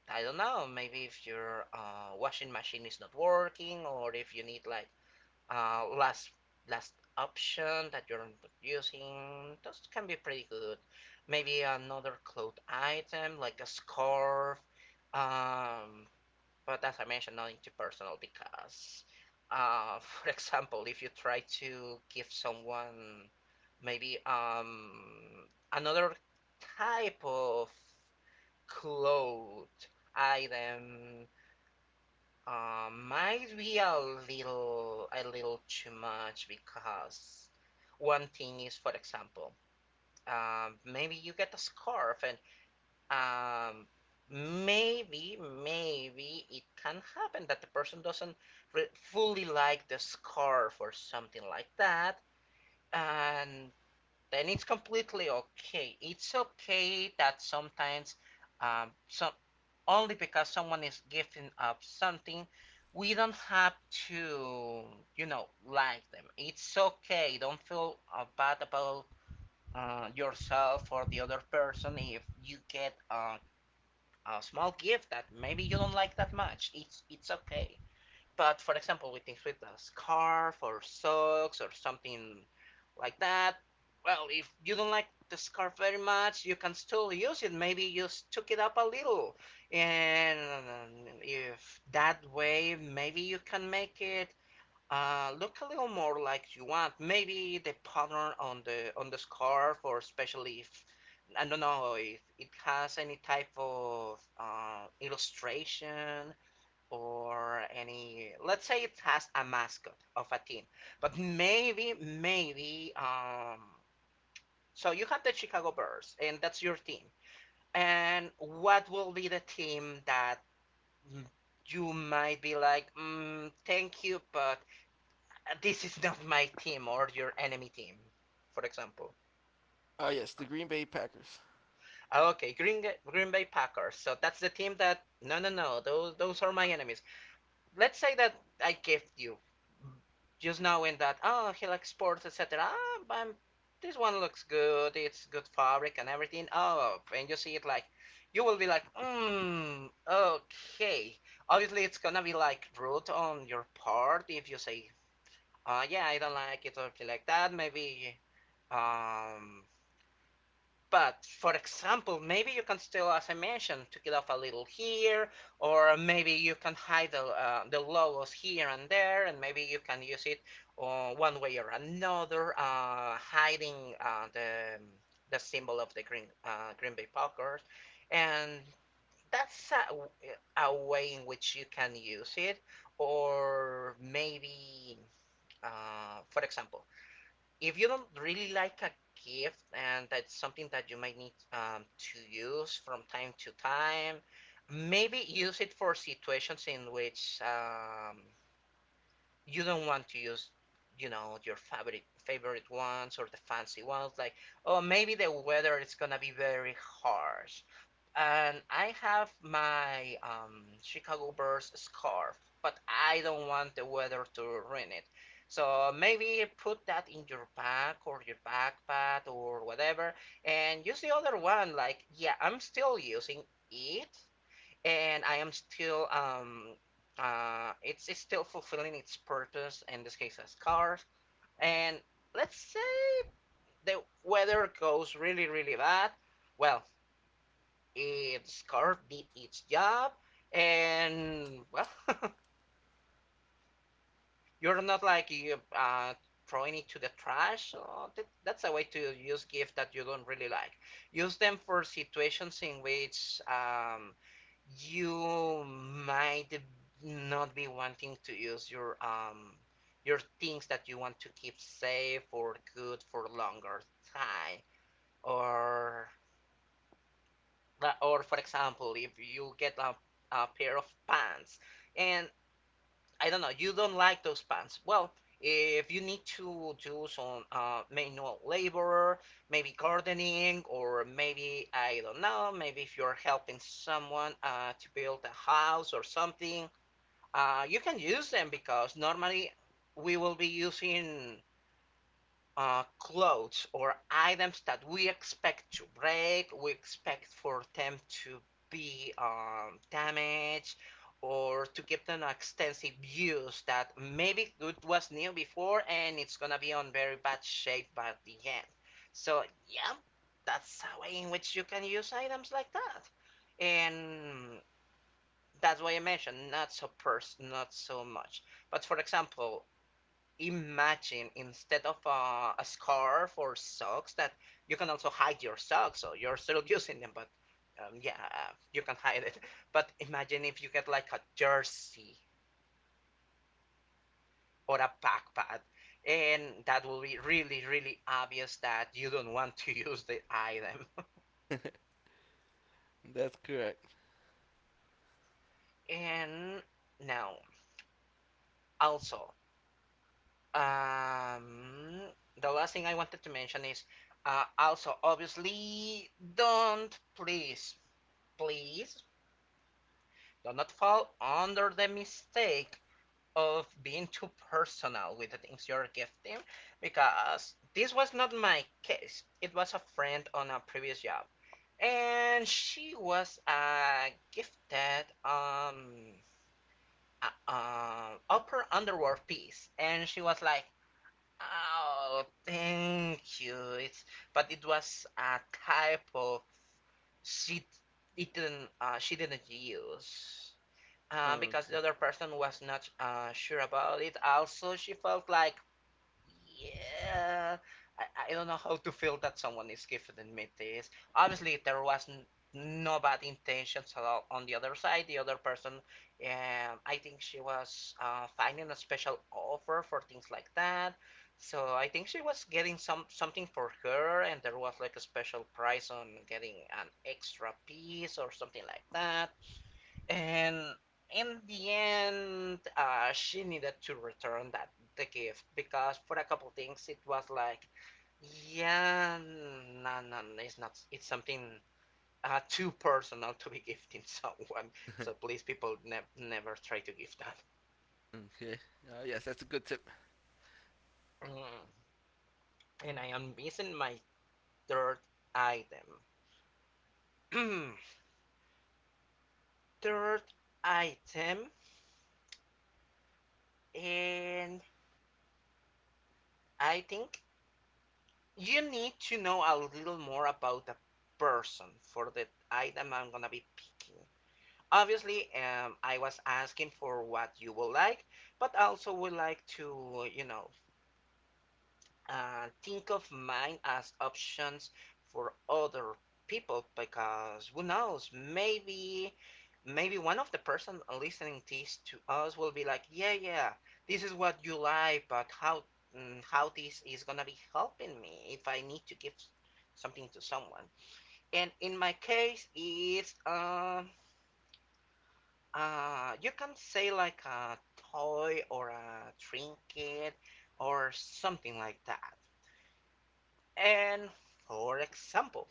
[SPEAKER 1] I don't know, maybe if your uh, washing machine is not working or if you need like uh, last last option that you're using. Those can be pretty good. Maybe another cloth item like a scarf. Um, but as I mentioned, not into personal because, uh, [laughs] for example, if you try to give someone maybe um, another type of cloth item um, might be a little a little too much because one thing is, for example, um, maybe you get a scarf and um, maybe maybe it can happen that the person doesn't re- fully like the scarf or something like that, and then it's completely okay. It's okay that sometimes um, some only because someone is gifting up something, we don't have to, you know, like them. It's okay. Don't feel uh, bad about uh, yourself or the other person if you get a, a small gift that maybe you don't like that much. It's it's okay. But for example, with things with a scarf or socks or something like that. Well, if you don't like the scarf very much, you can still use it. Maybe just took it up a little, and um, if that way, maybe you can make it uh, look a little more like you want. Maybe the pattern on the on the scarf, or especially if I don't know if it has any type of uh, illustration or any, let's say it has a mascot of a team, but maybe maybe um so you have the Chicago Bears and that's your team. And what will be the team that you might be like, mm, thank you but this is not my team, or your enemy team, for example?
[SPEAKER 2] Ah, uh, yes, the Green Bay Packers.
[SPEAKER 1] Ah, okay, green, green bay packers. So that's the team that, no no no, those those are my enemies. Let's say that I gift you, just knowing that, oh, he likes sports et cetera. Ah, but this one looks good, it's good fabric and everything. Oh, and you see it, like, you will be like, mm, okay. Obviously it's gonna be like rude on your part if you say, uh, yeah, I don't like it or feel like that. Maybe um but for example, maybe you can still, as I mentioned, to get off a little here, or maybe you can hide the, uh, the logos here and there, and maybe you can use it uh, one way or another, uh, hiding uh, the the symbol of the Green uh, Green Bay Packers, and that's a, a way in which you can use it. Or maybe, uh, for example, if you don't really like a gift and that's something that you might need um, to use from time to time, maybe use it for situations in which um, you don't want to use, you know, your favorite favorite ones or the fancy ones. Like, oh, maybe the weather is gonna be very harsh, and I have my um, Chicago Bears scarf, but I don't want the weather to ruin it. So maybe put that in your bag or your backpack or whatever, and use the other one. Like, yeah, I'm still using it, and I am still, um, uh, it's, it's still fulfilling its purpose. In this case, a scarf. And let's say the weather goes really, really bad. Well, its core did its job, and well, [laughs] you're not like you uh, throwing it to the trash. So that, that's a way to use GIF that you don't really like. Use them for situations in which um, you might not be wanting to use your um, your things that you want to keep safe or good for longer time, or, like, or for example, if you get a, a pair of pants and I don't know, you don't like those pants. Well, if you need to do some uh, manual labor, maybe gardening, or maybe I don't know, maybe if you're helping someone uh, to build a house or something, uh, you can use them because normally we will be using uh, clothes or items that we expect to break, we expect for them to be um, damaged, or to give them extensive use that maybe it was new before and it's gonna be on very bad shape by the end. So yeah, that's a way in which you can use items like that, and that's why I mentioned not so pers- not so much. But for example, imagine instead of uh, a scarf or socks that you can also hide your socks, so you're still [laughs] using them, but um, yeah, uh, you can hide it. But imagine if you get like a jersey or a backpack, and that will be really, really obvious that you don't want to [laughs] use the item. [laughs]
[SPEAKER 2] That's correct.
[SPEAKER 1] And now, also, um, the last thing I wanted to mention is uh, also, obviously, don't, please, please, do not fall under the mistake of being too personal with the things you're gifting, because this was not my case. It was a friend on a previous job. And she was a gifted um a, um upper underwear piece. And she was like, "Oh, thank you." It's, but it was a type of, she didn't uh, she didn't use, uh,
[SPEAKER 2] Oh,
[SPEAKER 1] because
[SPEAKER 2] okay.
[SPEAKER 1] the other person was not uh, sure about it. Also, she felt like, yeah, I, I don't know how to feel that someone is giving me this. Obviously, there was no bad intentions at all on the other side. The other person, um, I think she was uh, finding a special offer for things like that. So I think she was getting some something for her, and there was like a special price on getting an extra piece or something like that, and in the end, uh, she needed to return that, the gift, because for a couple things it was like, yeah, no, no, no, it's not. It's something uh, too personal to be [laughs] gifting someone. So please, people, ne- never try to give that.
[SPEAKER 2] Okay. Uh, yes, that's a good tip.
[SPEAKER 1] Mm. And I am missing my third item. [clears throat] Third item, and I think you need to know a little more about the person for the item I'm gonna be picking. Obviously, um, I was asking for what you would like, but also would like to, you know, and think of mine as options for other people, because who knows, maybe maybe one of the person listening this to us will be like, yeah, yeah, this is what you like, but how, mm, how this is gonna be helping me if I need to give something to someone. And in my case is um uh you can say like a toy or a trinket or something like that. And for example,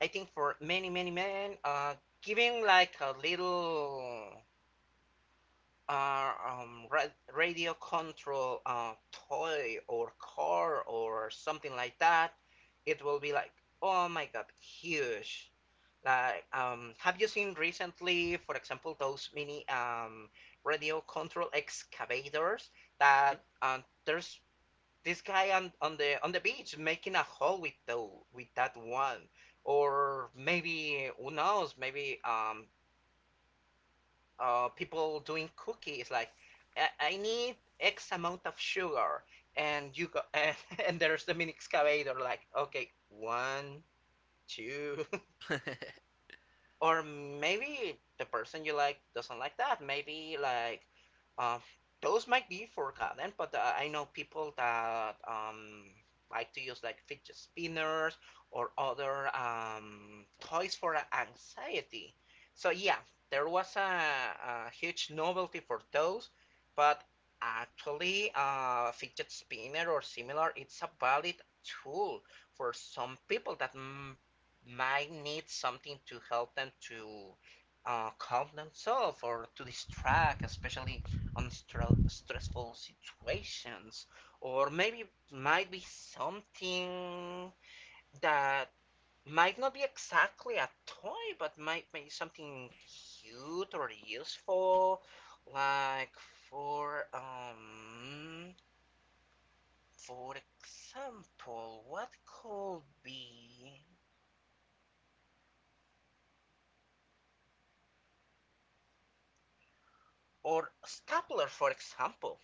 [SPEAKER 1] I think for many, many men, uh, giving like a little uh, um, ra- radio control uh, toy or car or something like that, it will be like, oh my God, huge. Like, um, have you seen recently, for example, those mini um, radio control excavators that uh, there's this guy on, on the on the beach making a hole with the, with that one, or maybe, who knows? Maybe um uh people doing cookies like, I, I need X amount of sugar, and you go [laughs] and, and there's the mini excavator like, okay, one two. Or maybe the person you like doesn't like that. Maybe like, uh, those might be for content, but uh, I know people that um, like to use like fidget spinners or other um, toys for anxiety. So yeah, there was a, a huge novelty for those, but actually, uh, fidget spinner or similar, it's a valid tool for some people that mm, might need something to help them to uh, calm themselves or to distract, especially on stre- stressful situations. Or maybe it might be something that might not be exactly a toy, but might be something cute or useful. Like for um, for example, what could be, or stapler, for example,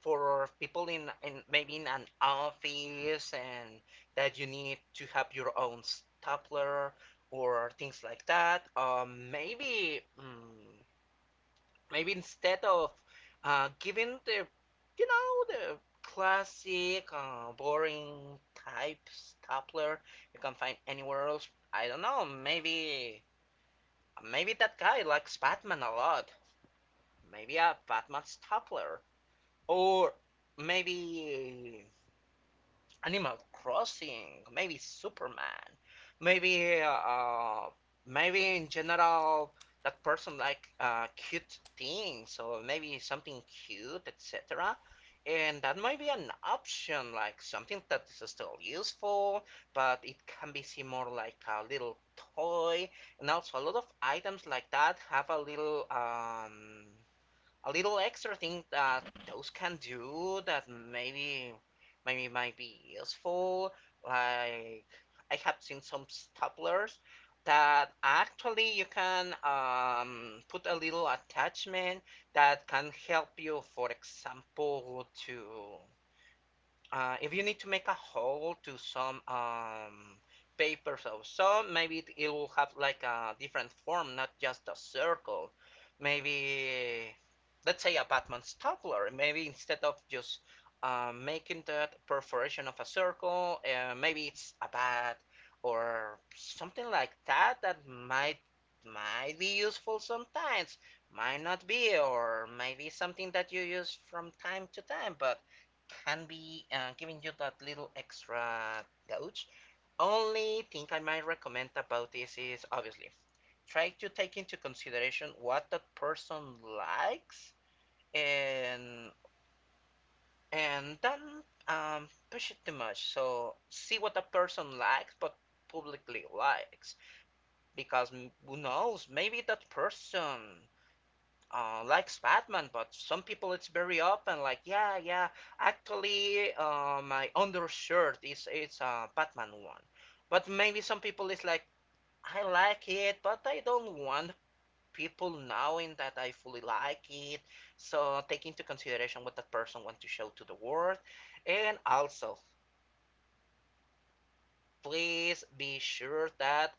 [SPEAKER 1] for people in, in maybe in an office, and that you need to have your own stapler or things like that. Um, maybe mm, maybe instead of uh, giving the, you know, the classic uh, boring type stapler you can find anywhere else. I don't know. Maybe maybe that guy likes Batman a lot. Maybe a Batman stapler, or maybe Animal Crossing, maybe Superman, maybe uh, maybe in general that person like uh, cute things, so maybe something cute, et cetera. And that might be an option, like something that is still useful, but it can be seen more like a little toy. And also, a lot of items like that have a little um, a little extra thing that those can do that maybe, maybe might be useful. Like, I have seen some staplers that actually you can um, put a little attachment that can help you, for example, to uh, if you need to make a hole to some um, papers or so, maybe it, it will have like a different form, not just a circle. Maybe, let's say a Batman stapler. Maybe instead of just uh, making that perforation of a circle, uh, maybe it's a bat or something like that that might might be useful sometimes, might not be, or maybe something that you use from time to time, but can be uh, giving you that little extra gouge. Only thing I might recommend about this is obviously try to take into consideration what that person likes, and and don't um, push it too much. So see what that person likes, but publicly likes, because who knows, maybe that person uh, likes Batman, but some people it's very open. Like, yeah, yeah. Actually, uh, my undershirt is, it's a Batman one, but maybe some people is like, I like it, but I don't want people knowing that I fully like it. So take into consideration what that person want to show to the world, and also please be sure that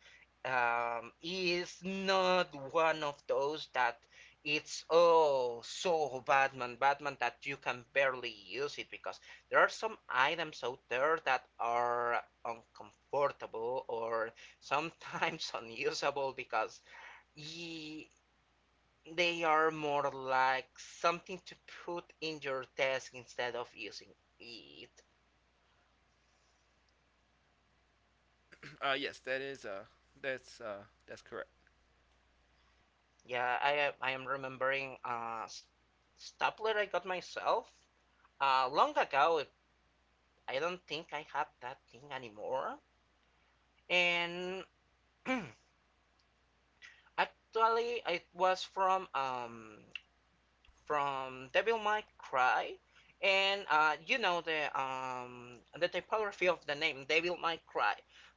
[SPEAKER 1] um, is not one of those that it's oh so Batman, Batman that you can barely use it, because there are some items out there that are uncomfortable or sometimes [laughs] unusable because ye, they are more like something to put in your desk instead of using it.
[SPEAKER 2] [clears throat] Uh, yes, that is. Uh, that's. Uh, that's correct.
[SPEAKER 1] Yeah, I am. I am remembering uh, s- stapler I got myself uh, long ago. It- I don't think I have that thing anymore. And [clears throat] actually, it was from um, from Devil May Cry, and uh, you know the um, the typography of the name Devil May Cry,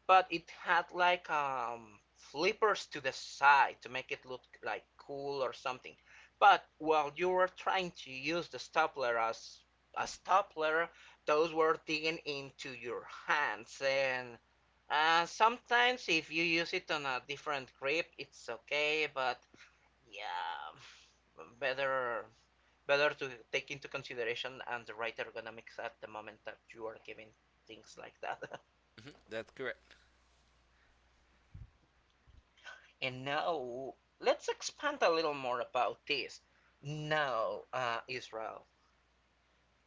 [SPEAKER 1] but it had like um, flippers to the side to make it look like cool or something. But while you were trying to use the stapler as a stapler, those were digging into your hands. And Uh, sometimes if you use it on a different grip, it's okay, but yeah, better, better to take into consideration and the right ergonomics at the moment that you are giving things like that.
[SPEAKER 2] Mhm, that's correct.
[SPEAKER 1] [laughs] And now let's expand a little more about this. Now, uh, Israel,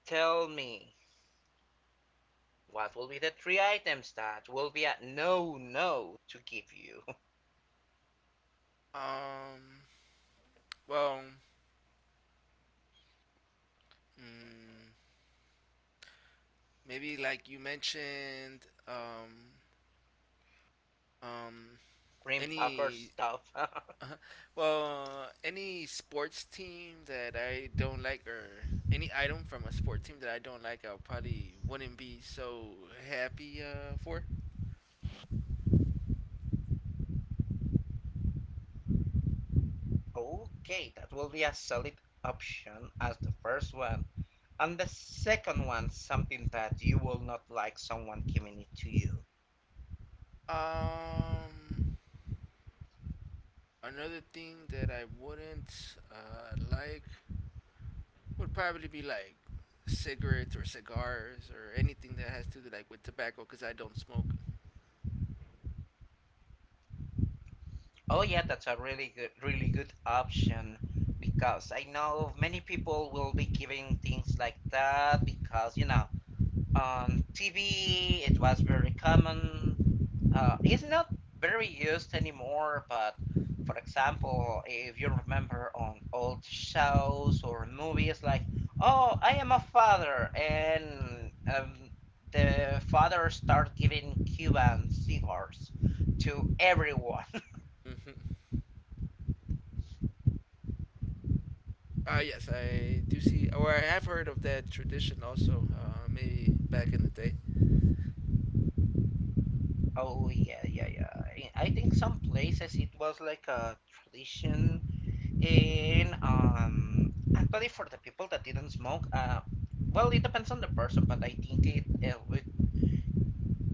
[SPEAKER 1] tell me, what will be the three items that will be a no no to give you? [laughs]
[SPEAKER 2] Um. Well. Mm, Maybe, like you mentioned. Um. Um.
[SPEAKER 1] Green Packer
[SPEAKER 2] Any.
[SPEAKER 1] stuff.
[SPEAKER 2] [laughs]
[SPEAKER 1] [laughs]
[SPEAKER 2] uh Well, any sports team that I don't like, or any item from a sport team that I don't like, I probably wouldn't be so happy, uh, for.
[SPEAKER 1] Okay, that will be a solid option as the first one. And the second one, something that you will not like someone giving it to you.
[SPEAKER 2] Um, Another thing that I wouldn't, uh, like, would probably be, like, cigarettes or cigars or anything that has to do, like, with tobacco, because I don't smoke.
[SPEAKER 1] Oh yeah, that's a really good, really good option, because I know many people will be giving things like that, because you know, on T V it was very common. Uh, it's not very used anymore, but for example, if you remember on old shows or movies, like, oh, I am a father, and um, the father start giving Cuban cigars to everyone. [laughs]
[SPEAKER 2] Mhm. Uh, yes, I do see, or I have heard of that tradition also, uh, maybe back in the day.
[SPEAKER 1] Oh yeah, yeah, yeah. I I think some places it was like a tradition, and um, actually for the people that didn't smoke, uh, well, it depends on the person, but I think it, uh, it,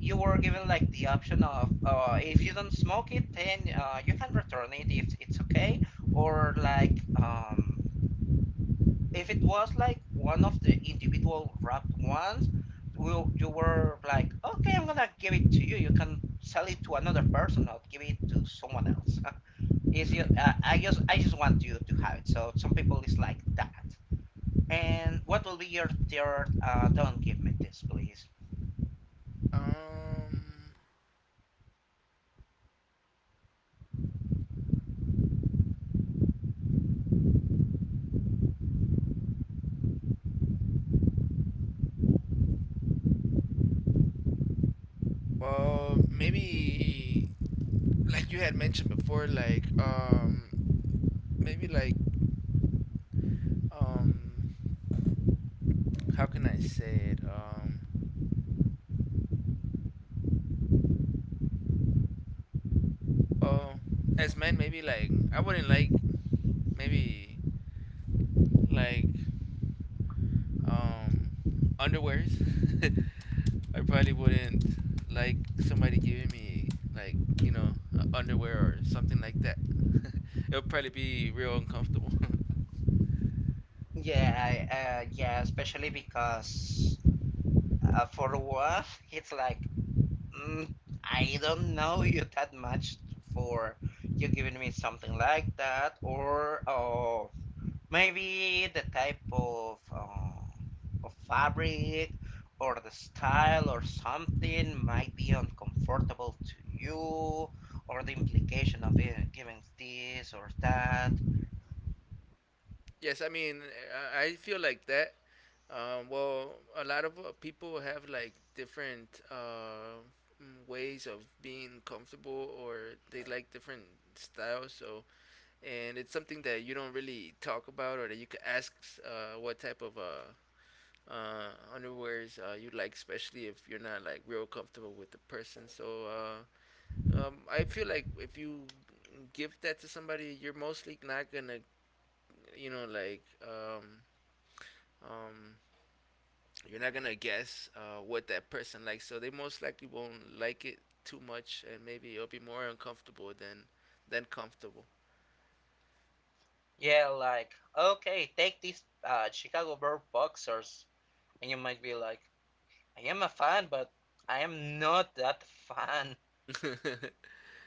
[SPEAKER 1] you were given like the option of, uh, if you don't smoke it, then uh, you can return it if it's okay, or like um, if it was like one of the individual wrapped ones, will, you were like, okay, I'm gonna give it to you. You can sell it to another person, or give it to someone else. [laughs] It's
[SPEAKER 2] Mhm.
[SPEAKER 1] just, uh, I just I just want you to have it. So some people is like that. And what will be your third? Uh, don't give me this, please.
[SPEAKER 2] Um, well, maybe, like you had mentioned before, like, um, maybe, like, um, how can I say it? Um, well, as men, maybe, like, I wouldn't like, maybe, like, um underwears. [laughs] I probably wouldn't like somebody giving me, like you know uh, underwear or something like that. [laughs] It'll probably be real uncomfortable. [laughs]
[SPEAKER 1] Yeah, I- uh, yeah, especially because uh, for one, [laughs] it's like, mm, I don't know you that much for you giving me something like that, or oh, maybe the type of uh, of fabric or the style or something might be uncomfortable to you, or the implication of being giving this or that.
[SPEAKER 2] Yes, I mean, I I feel like that. Um, well, a lot of uh, people have, like, different, uh, mm, ways of being comfortable, or they like different styles. So, and it's something that you don't really talk about or that you could ask, uh, what type of, uh, uh, underwears uh, you like, especially if you're not, like, real comfortable with the person. So, uh, um, I feel like if you give that to somebody, you're mostly not gonna, you know, like. Um, um, you're not gonna guess uh, what that person likes, so they most likely won't like it too much, and maybe it'll be more uncomfortable than than comfortable.
[SPEAKER 1] Yeah, like okay, take these uh, Chicago Bear boxers, and you might be like, I am a fan, but I am not that fan.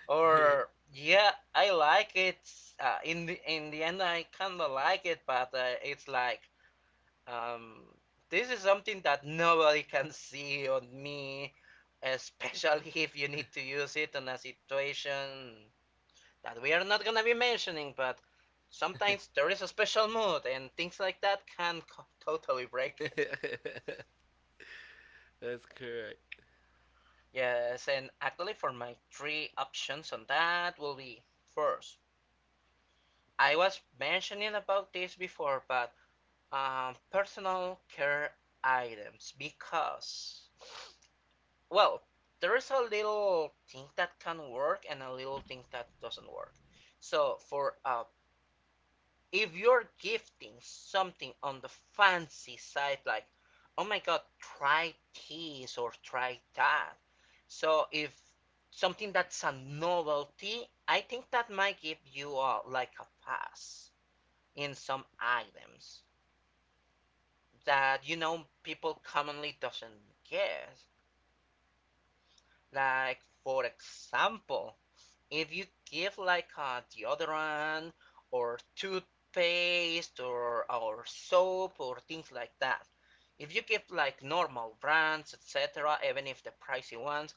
[SPEAKER 1] Or yeah, I like it. Uh, in the in the end, I kind of like it, but uh, it's like um, this is something that nobody [laughs] can see on me, especially [laughs] if you need to use it in a situation that we are not gonna be mentioning. But sometimes there is a special mood, and things like that can [laughs] co- totally break it.
[SPEAKER 2] [laughs] [laughs] That's correct.
[SPEAKER 1] Yes, and actually, for my three options on that will be first. I was mentioning about this before, but um, personal care items because, well, there is a little thing that can work and a little thing that doesn't work. So for uh, if you're gifting something on the fancy side, like, oh my god, try this or try that. So if something that's a novelty, I think that might give you uh, like a pass in some items. That you know people commonly doesn't get. Like for example, if you give like a deodorant or toothpaste or or soap or things like that, if you give like normal brands, et cetera, even if the pricey ones,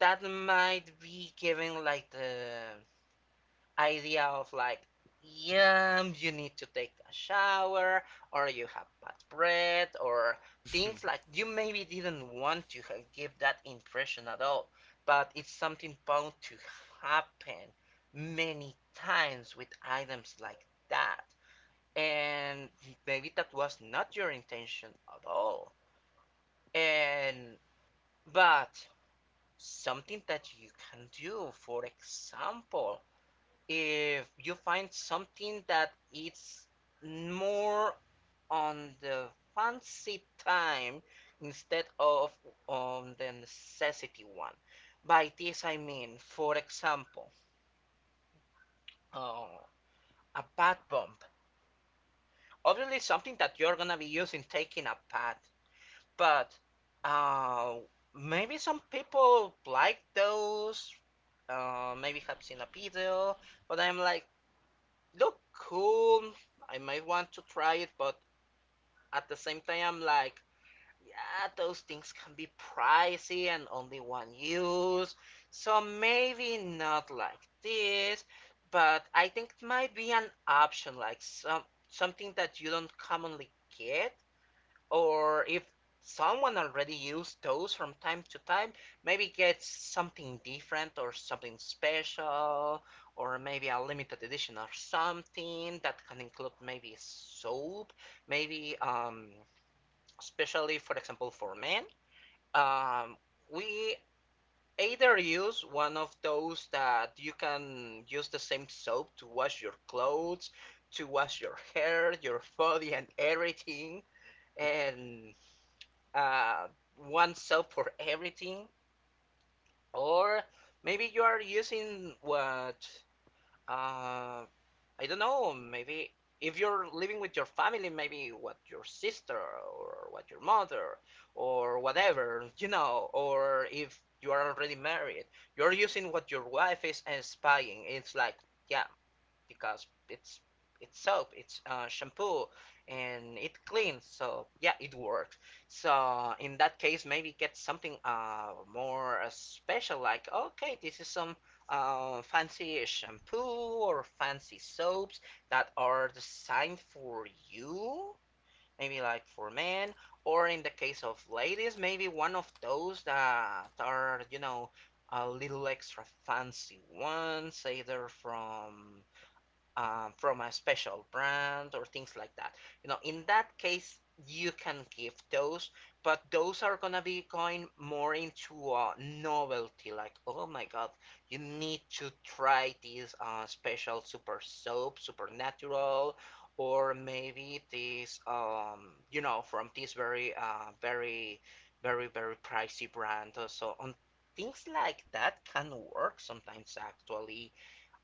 [SPEAKER 1] that might be giving like the idea of like, yeah, you need to take a shower, or you have bad breath, or things like you maybe didn't want to have, give that impression at all, but it's something bound to happen many times with items like that. And maybe that was not your intention at all. And but something that you can do, for example, if you find something that it's more on the fancy time instead of on the necessity one. By this I mean, for example, uh, a pad bump. Obviously, something that you're gonna be using taking a pad, but uh, maybe some people like those. Uh, maybe have seen a video, but I'm like, look cool. I might want to try it, but at the same time, I'm like, yeah, those things can be pricey and only one use. So maybe not like this, but I think it might be an option, like some something that you don't commonly get or if someone already used those from time to time maybe get something different or something special or maybe a limited edition or something that can include maybe soap maybe um, especially for example for men, um, we either use one of those that you can use the same soap to wash your clothes to wash your hair your body and everything and uh, one soap for [laughs] everything, or maybe you are using what uh, I don't know. Maybe if you're living with your family, maybe what your sister or what your mother or whatever, you know, or if you are already married, you're using what your wife is and spying. It's like, yeah, because it's it's soap, it's uh, shampoo, and it cleans. So yeah, it works. So in that case, maybe get something uh, more uh, special, like okay, this is some uh, fancy shampoo or fancy soaps that are designed for you. Maybe like for men, or in the case of ladies, maybe one of those that are you know a little extra fancy ones, either from um, from a special brand or things like that. You know, in that case, you can give those, but those are gonna be going more into uh, novelty. Like, oh my god, you need to try this uh, special super soap, supernatural, or maybe this, um, you know, from this very, uh, very, very, very pricey brand. Uh, So on things like that can work sometimes actually,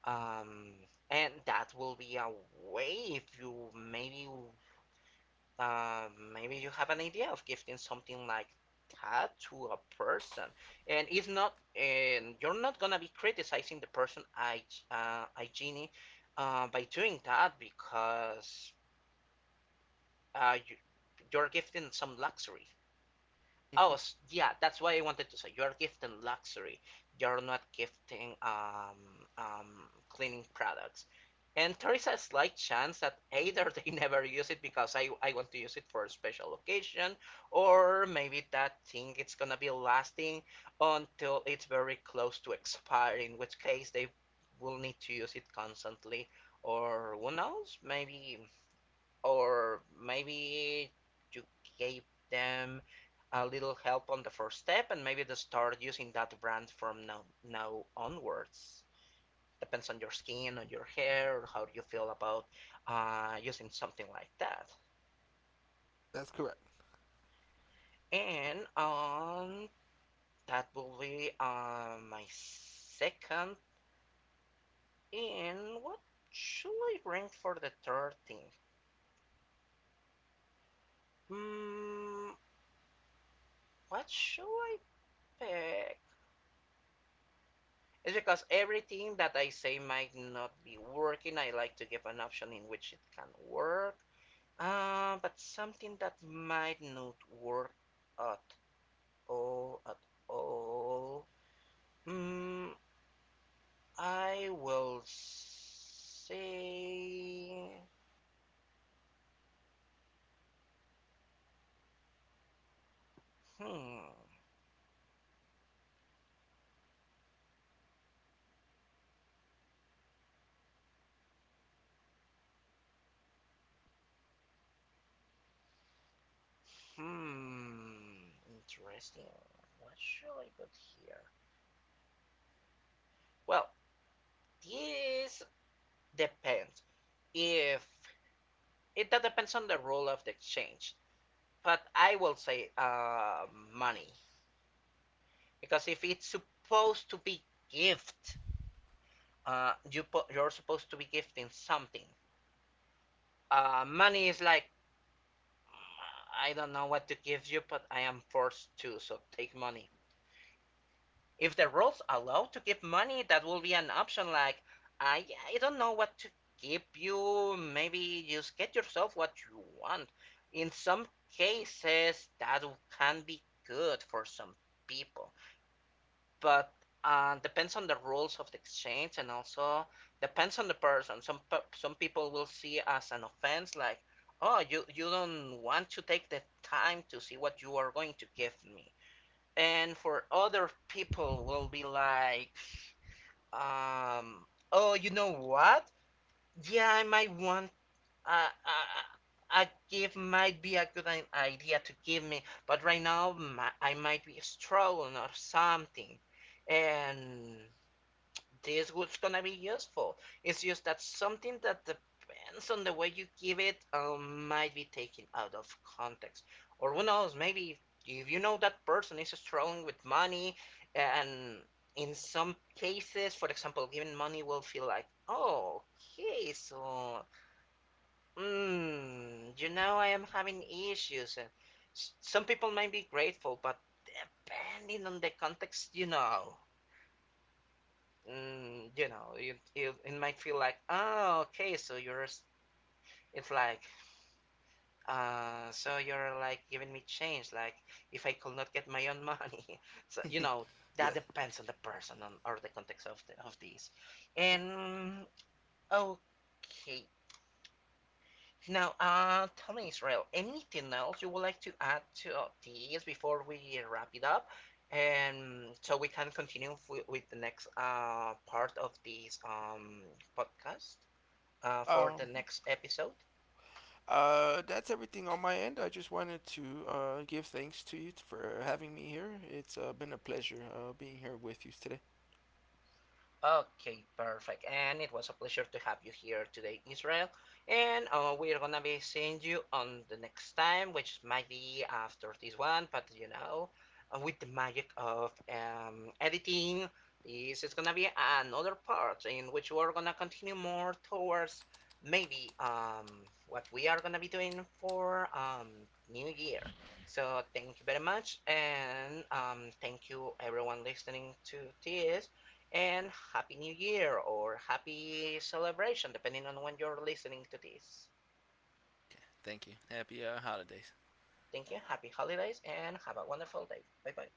[SPEAKER 1] um, and that will be a way if you maybe uh, maybe you have an idea of gifting something like that to a person, and if not, and you're not gonna be criticizing the person, I, uh, I uh, by doing that because uh, you, you're gifting some luxury. Oh,
[SPEAKER 2] Mm-hmm.
[SPEAKER 1] s- yeah, that's why I wanted to say you're gifting luxury. You're not gifting um, um, cleaning products. And there is a slight chance that either [laughs] they never use it because I, I want to use it for a special occasion, or maybe that thing it's gonna be lasting until it's very close to expire, in which case they will need to use it constantly, or who knows, maybe or maybe you gave them a little help on the first step and maybe they start using that brand from now now onwards, depends on your skin on your hair or how you feel about uh, using something like that.
[SPEAKER 2] That's correct.
[SPEAKER 1] And um, that will be uh, my second. And what should I bring for the third thing? Hmm, what should I pick? It's because everything that I say might not be working. I like to give an option in which it can work. Uh, but something that might not work at all, at all. Mm, I will say. Hmm. Hmm. Interesting. What should I put here? Well, this depends. If it that depends on the role of the exchange. But I will say uh, money, because if it's supposed to be gift, uh, you you're supposed to be gifting something. Uh, money is like I don't know what to give you, but I am forced to, so take money. If the rules allow to give money, that will be an option. Like I I don't know what to give you. Maybe just get yourself what you want. In some cases, that can be good for some people. But uh, depends on the rules of the exchange and also depends on the person. Some pe- some people will see as an offense, like, oh, you you don't want to take the time to see what you are going to give me. And for other people, will be like, um, oh, you know what? Yeah, I might want uh, uh, a gift might be a good i- idea to give me, but right now my, I might be struggling or something and this was gonna be useful. It's just that something that depends on the way you give it um, might be taken out of context. Or who knows, maybe if, if you know that person is struggling with money, and in some cases, for example, giving money will feel like, oh, okay, so, mm, you know, I am having issues. And some people might be grateful, but depending on the context, you know mm, you know, it, it, it might feel like, oh, okay, so you're, it's like, uh, so you're like giving me change, like if I could not get my own money. [laughs] So, you know,
[SPEAKER 2] [laughs]
[SPEAKER 1] that
[SPEAKER 2] Yes.
[SPEAKER 1] depends on the person on, or the context of the, of this. And, okay. Now, uh, tell me, Israel, anything else you would like to add to this before we wrap it up? And so we can continue with, with the next uh, part of this um, podcast. Uh, for the
[SPEAKER 2] Um.
[SPEAKER 1] next episode.
[SPEAKER 2] Uh. That's everything on my end. I just wanted to uh give thanks to you t- for having me here. It's uh, been a pleasure uh being here with you today.
[SPEAKER 1] Okay, perfect. And it was a pleasure to have you here today, Israel. And uh, we're gonna be seeing you on the next time, which might be after this one, but you know, uh, with the magic of um, editing, this is gonna be another part in which we're gonna continue more towards maybe um, what we are gonna be doing for um, New Year. So thank you very much, and um, thank you everyone listening to this and Happy New Year or Happy Celebration, depending on when you're listening to this.
[SPEAKER 2] Okay. Thank you. Happy uh, holidays.
[SPEAKER 1] Thank you, happy holidays, and have a wonderful day. Bye bye.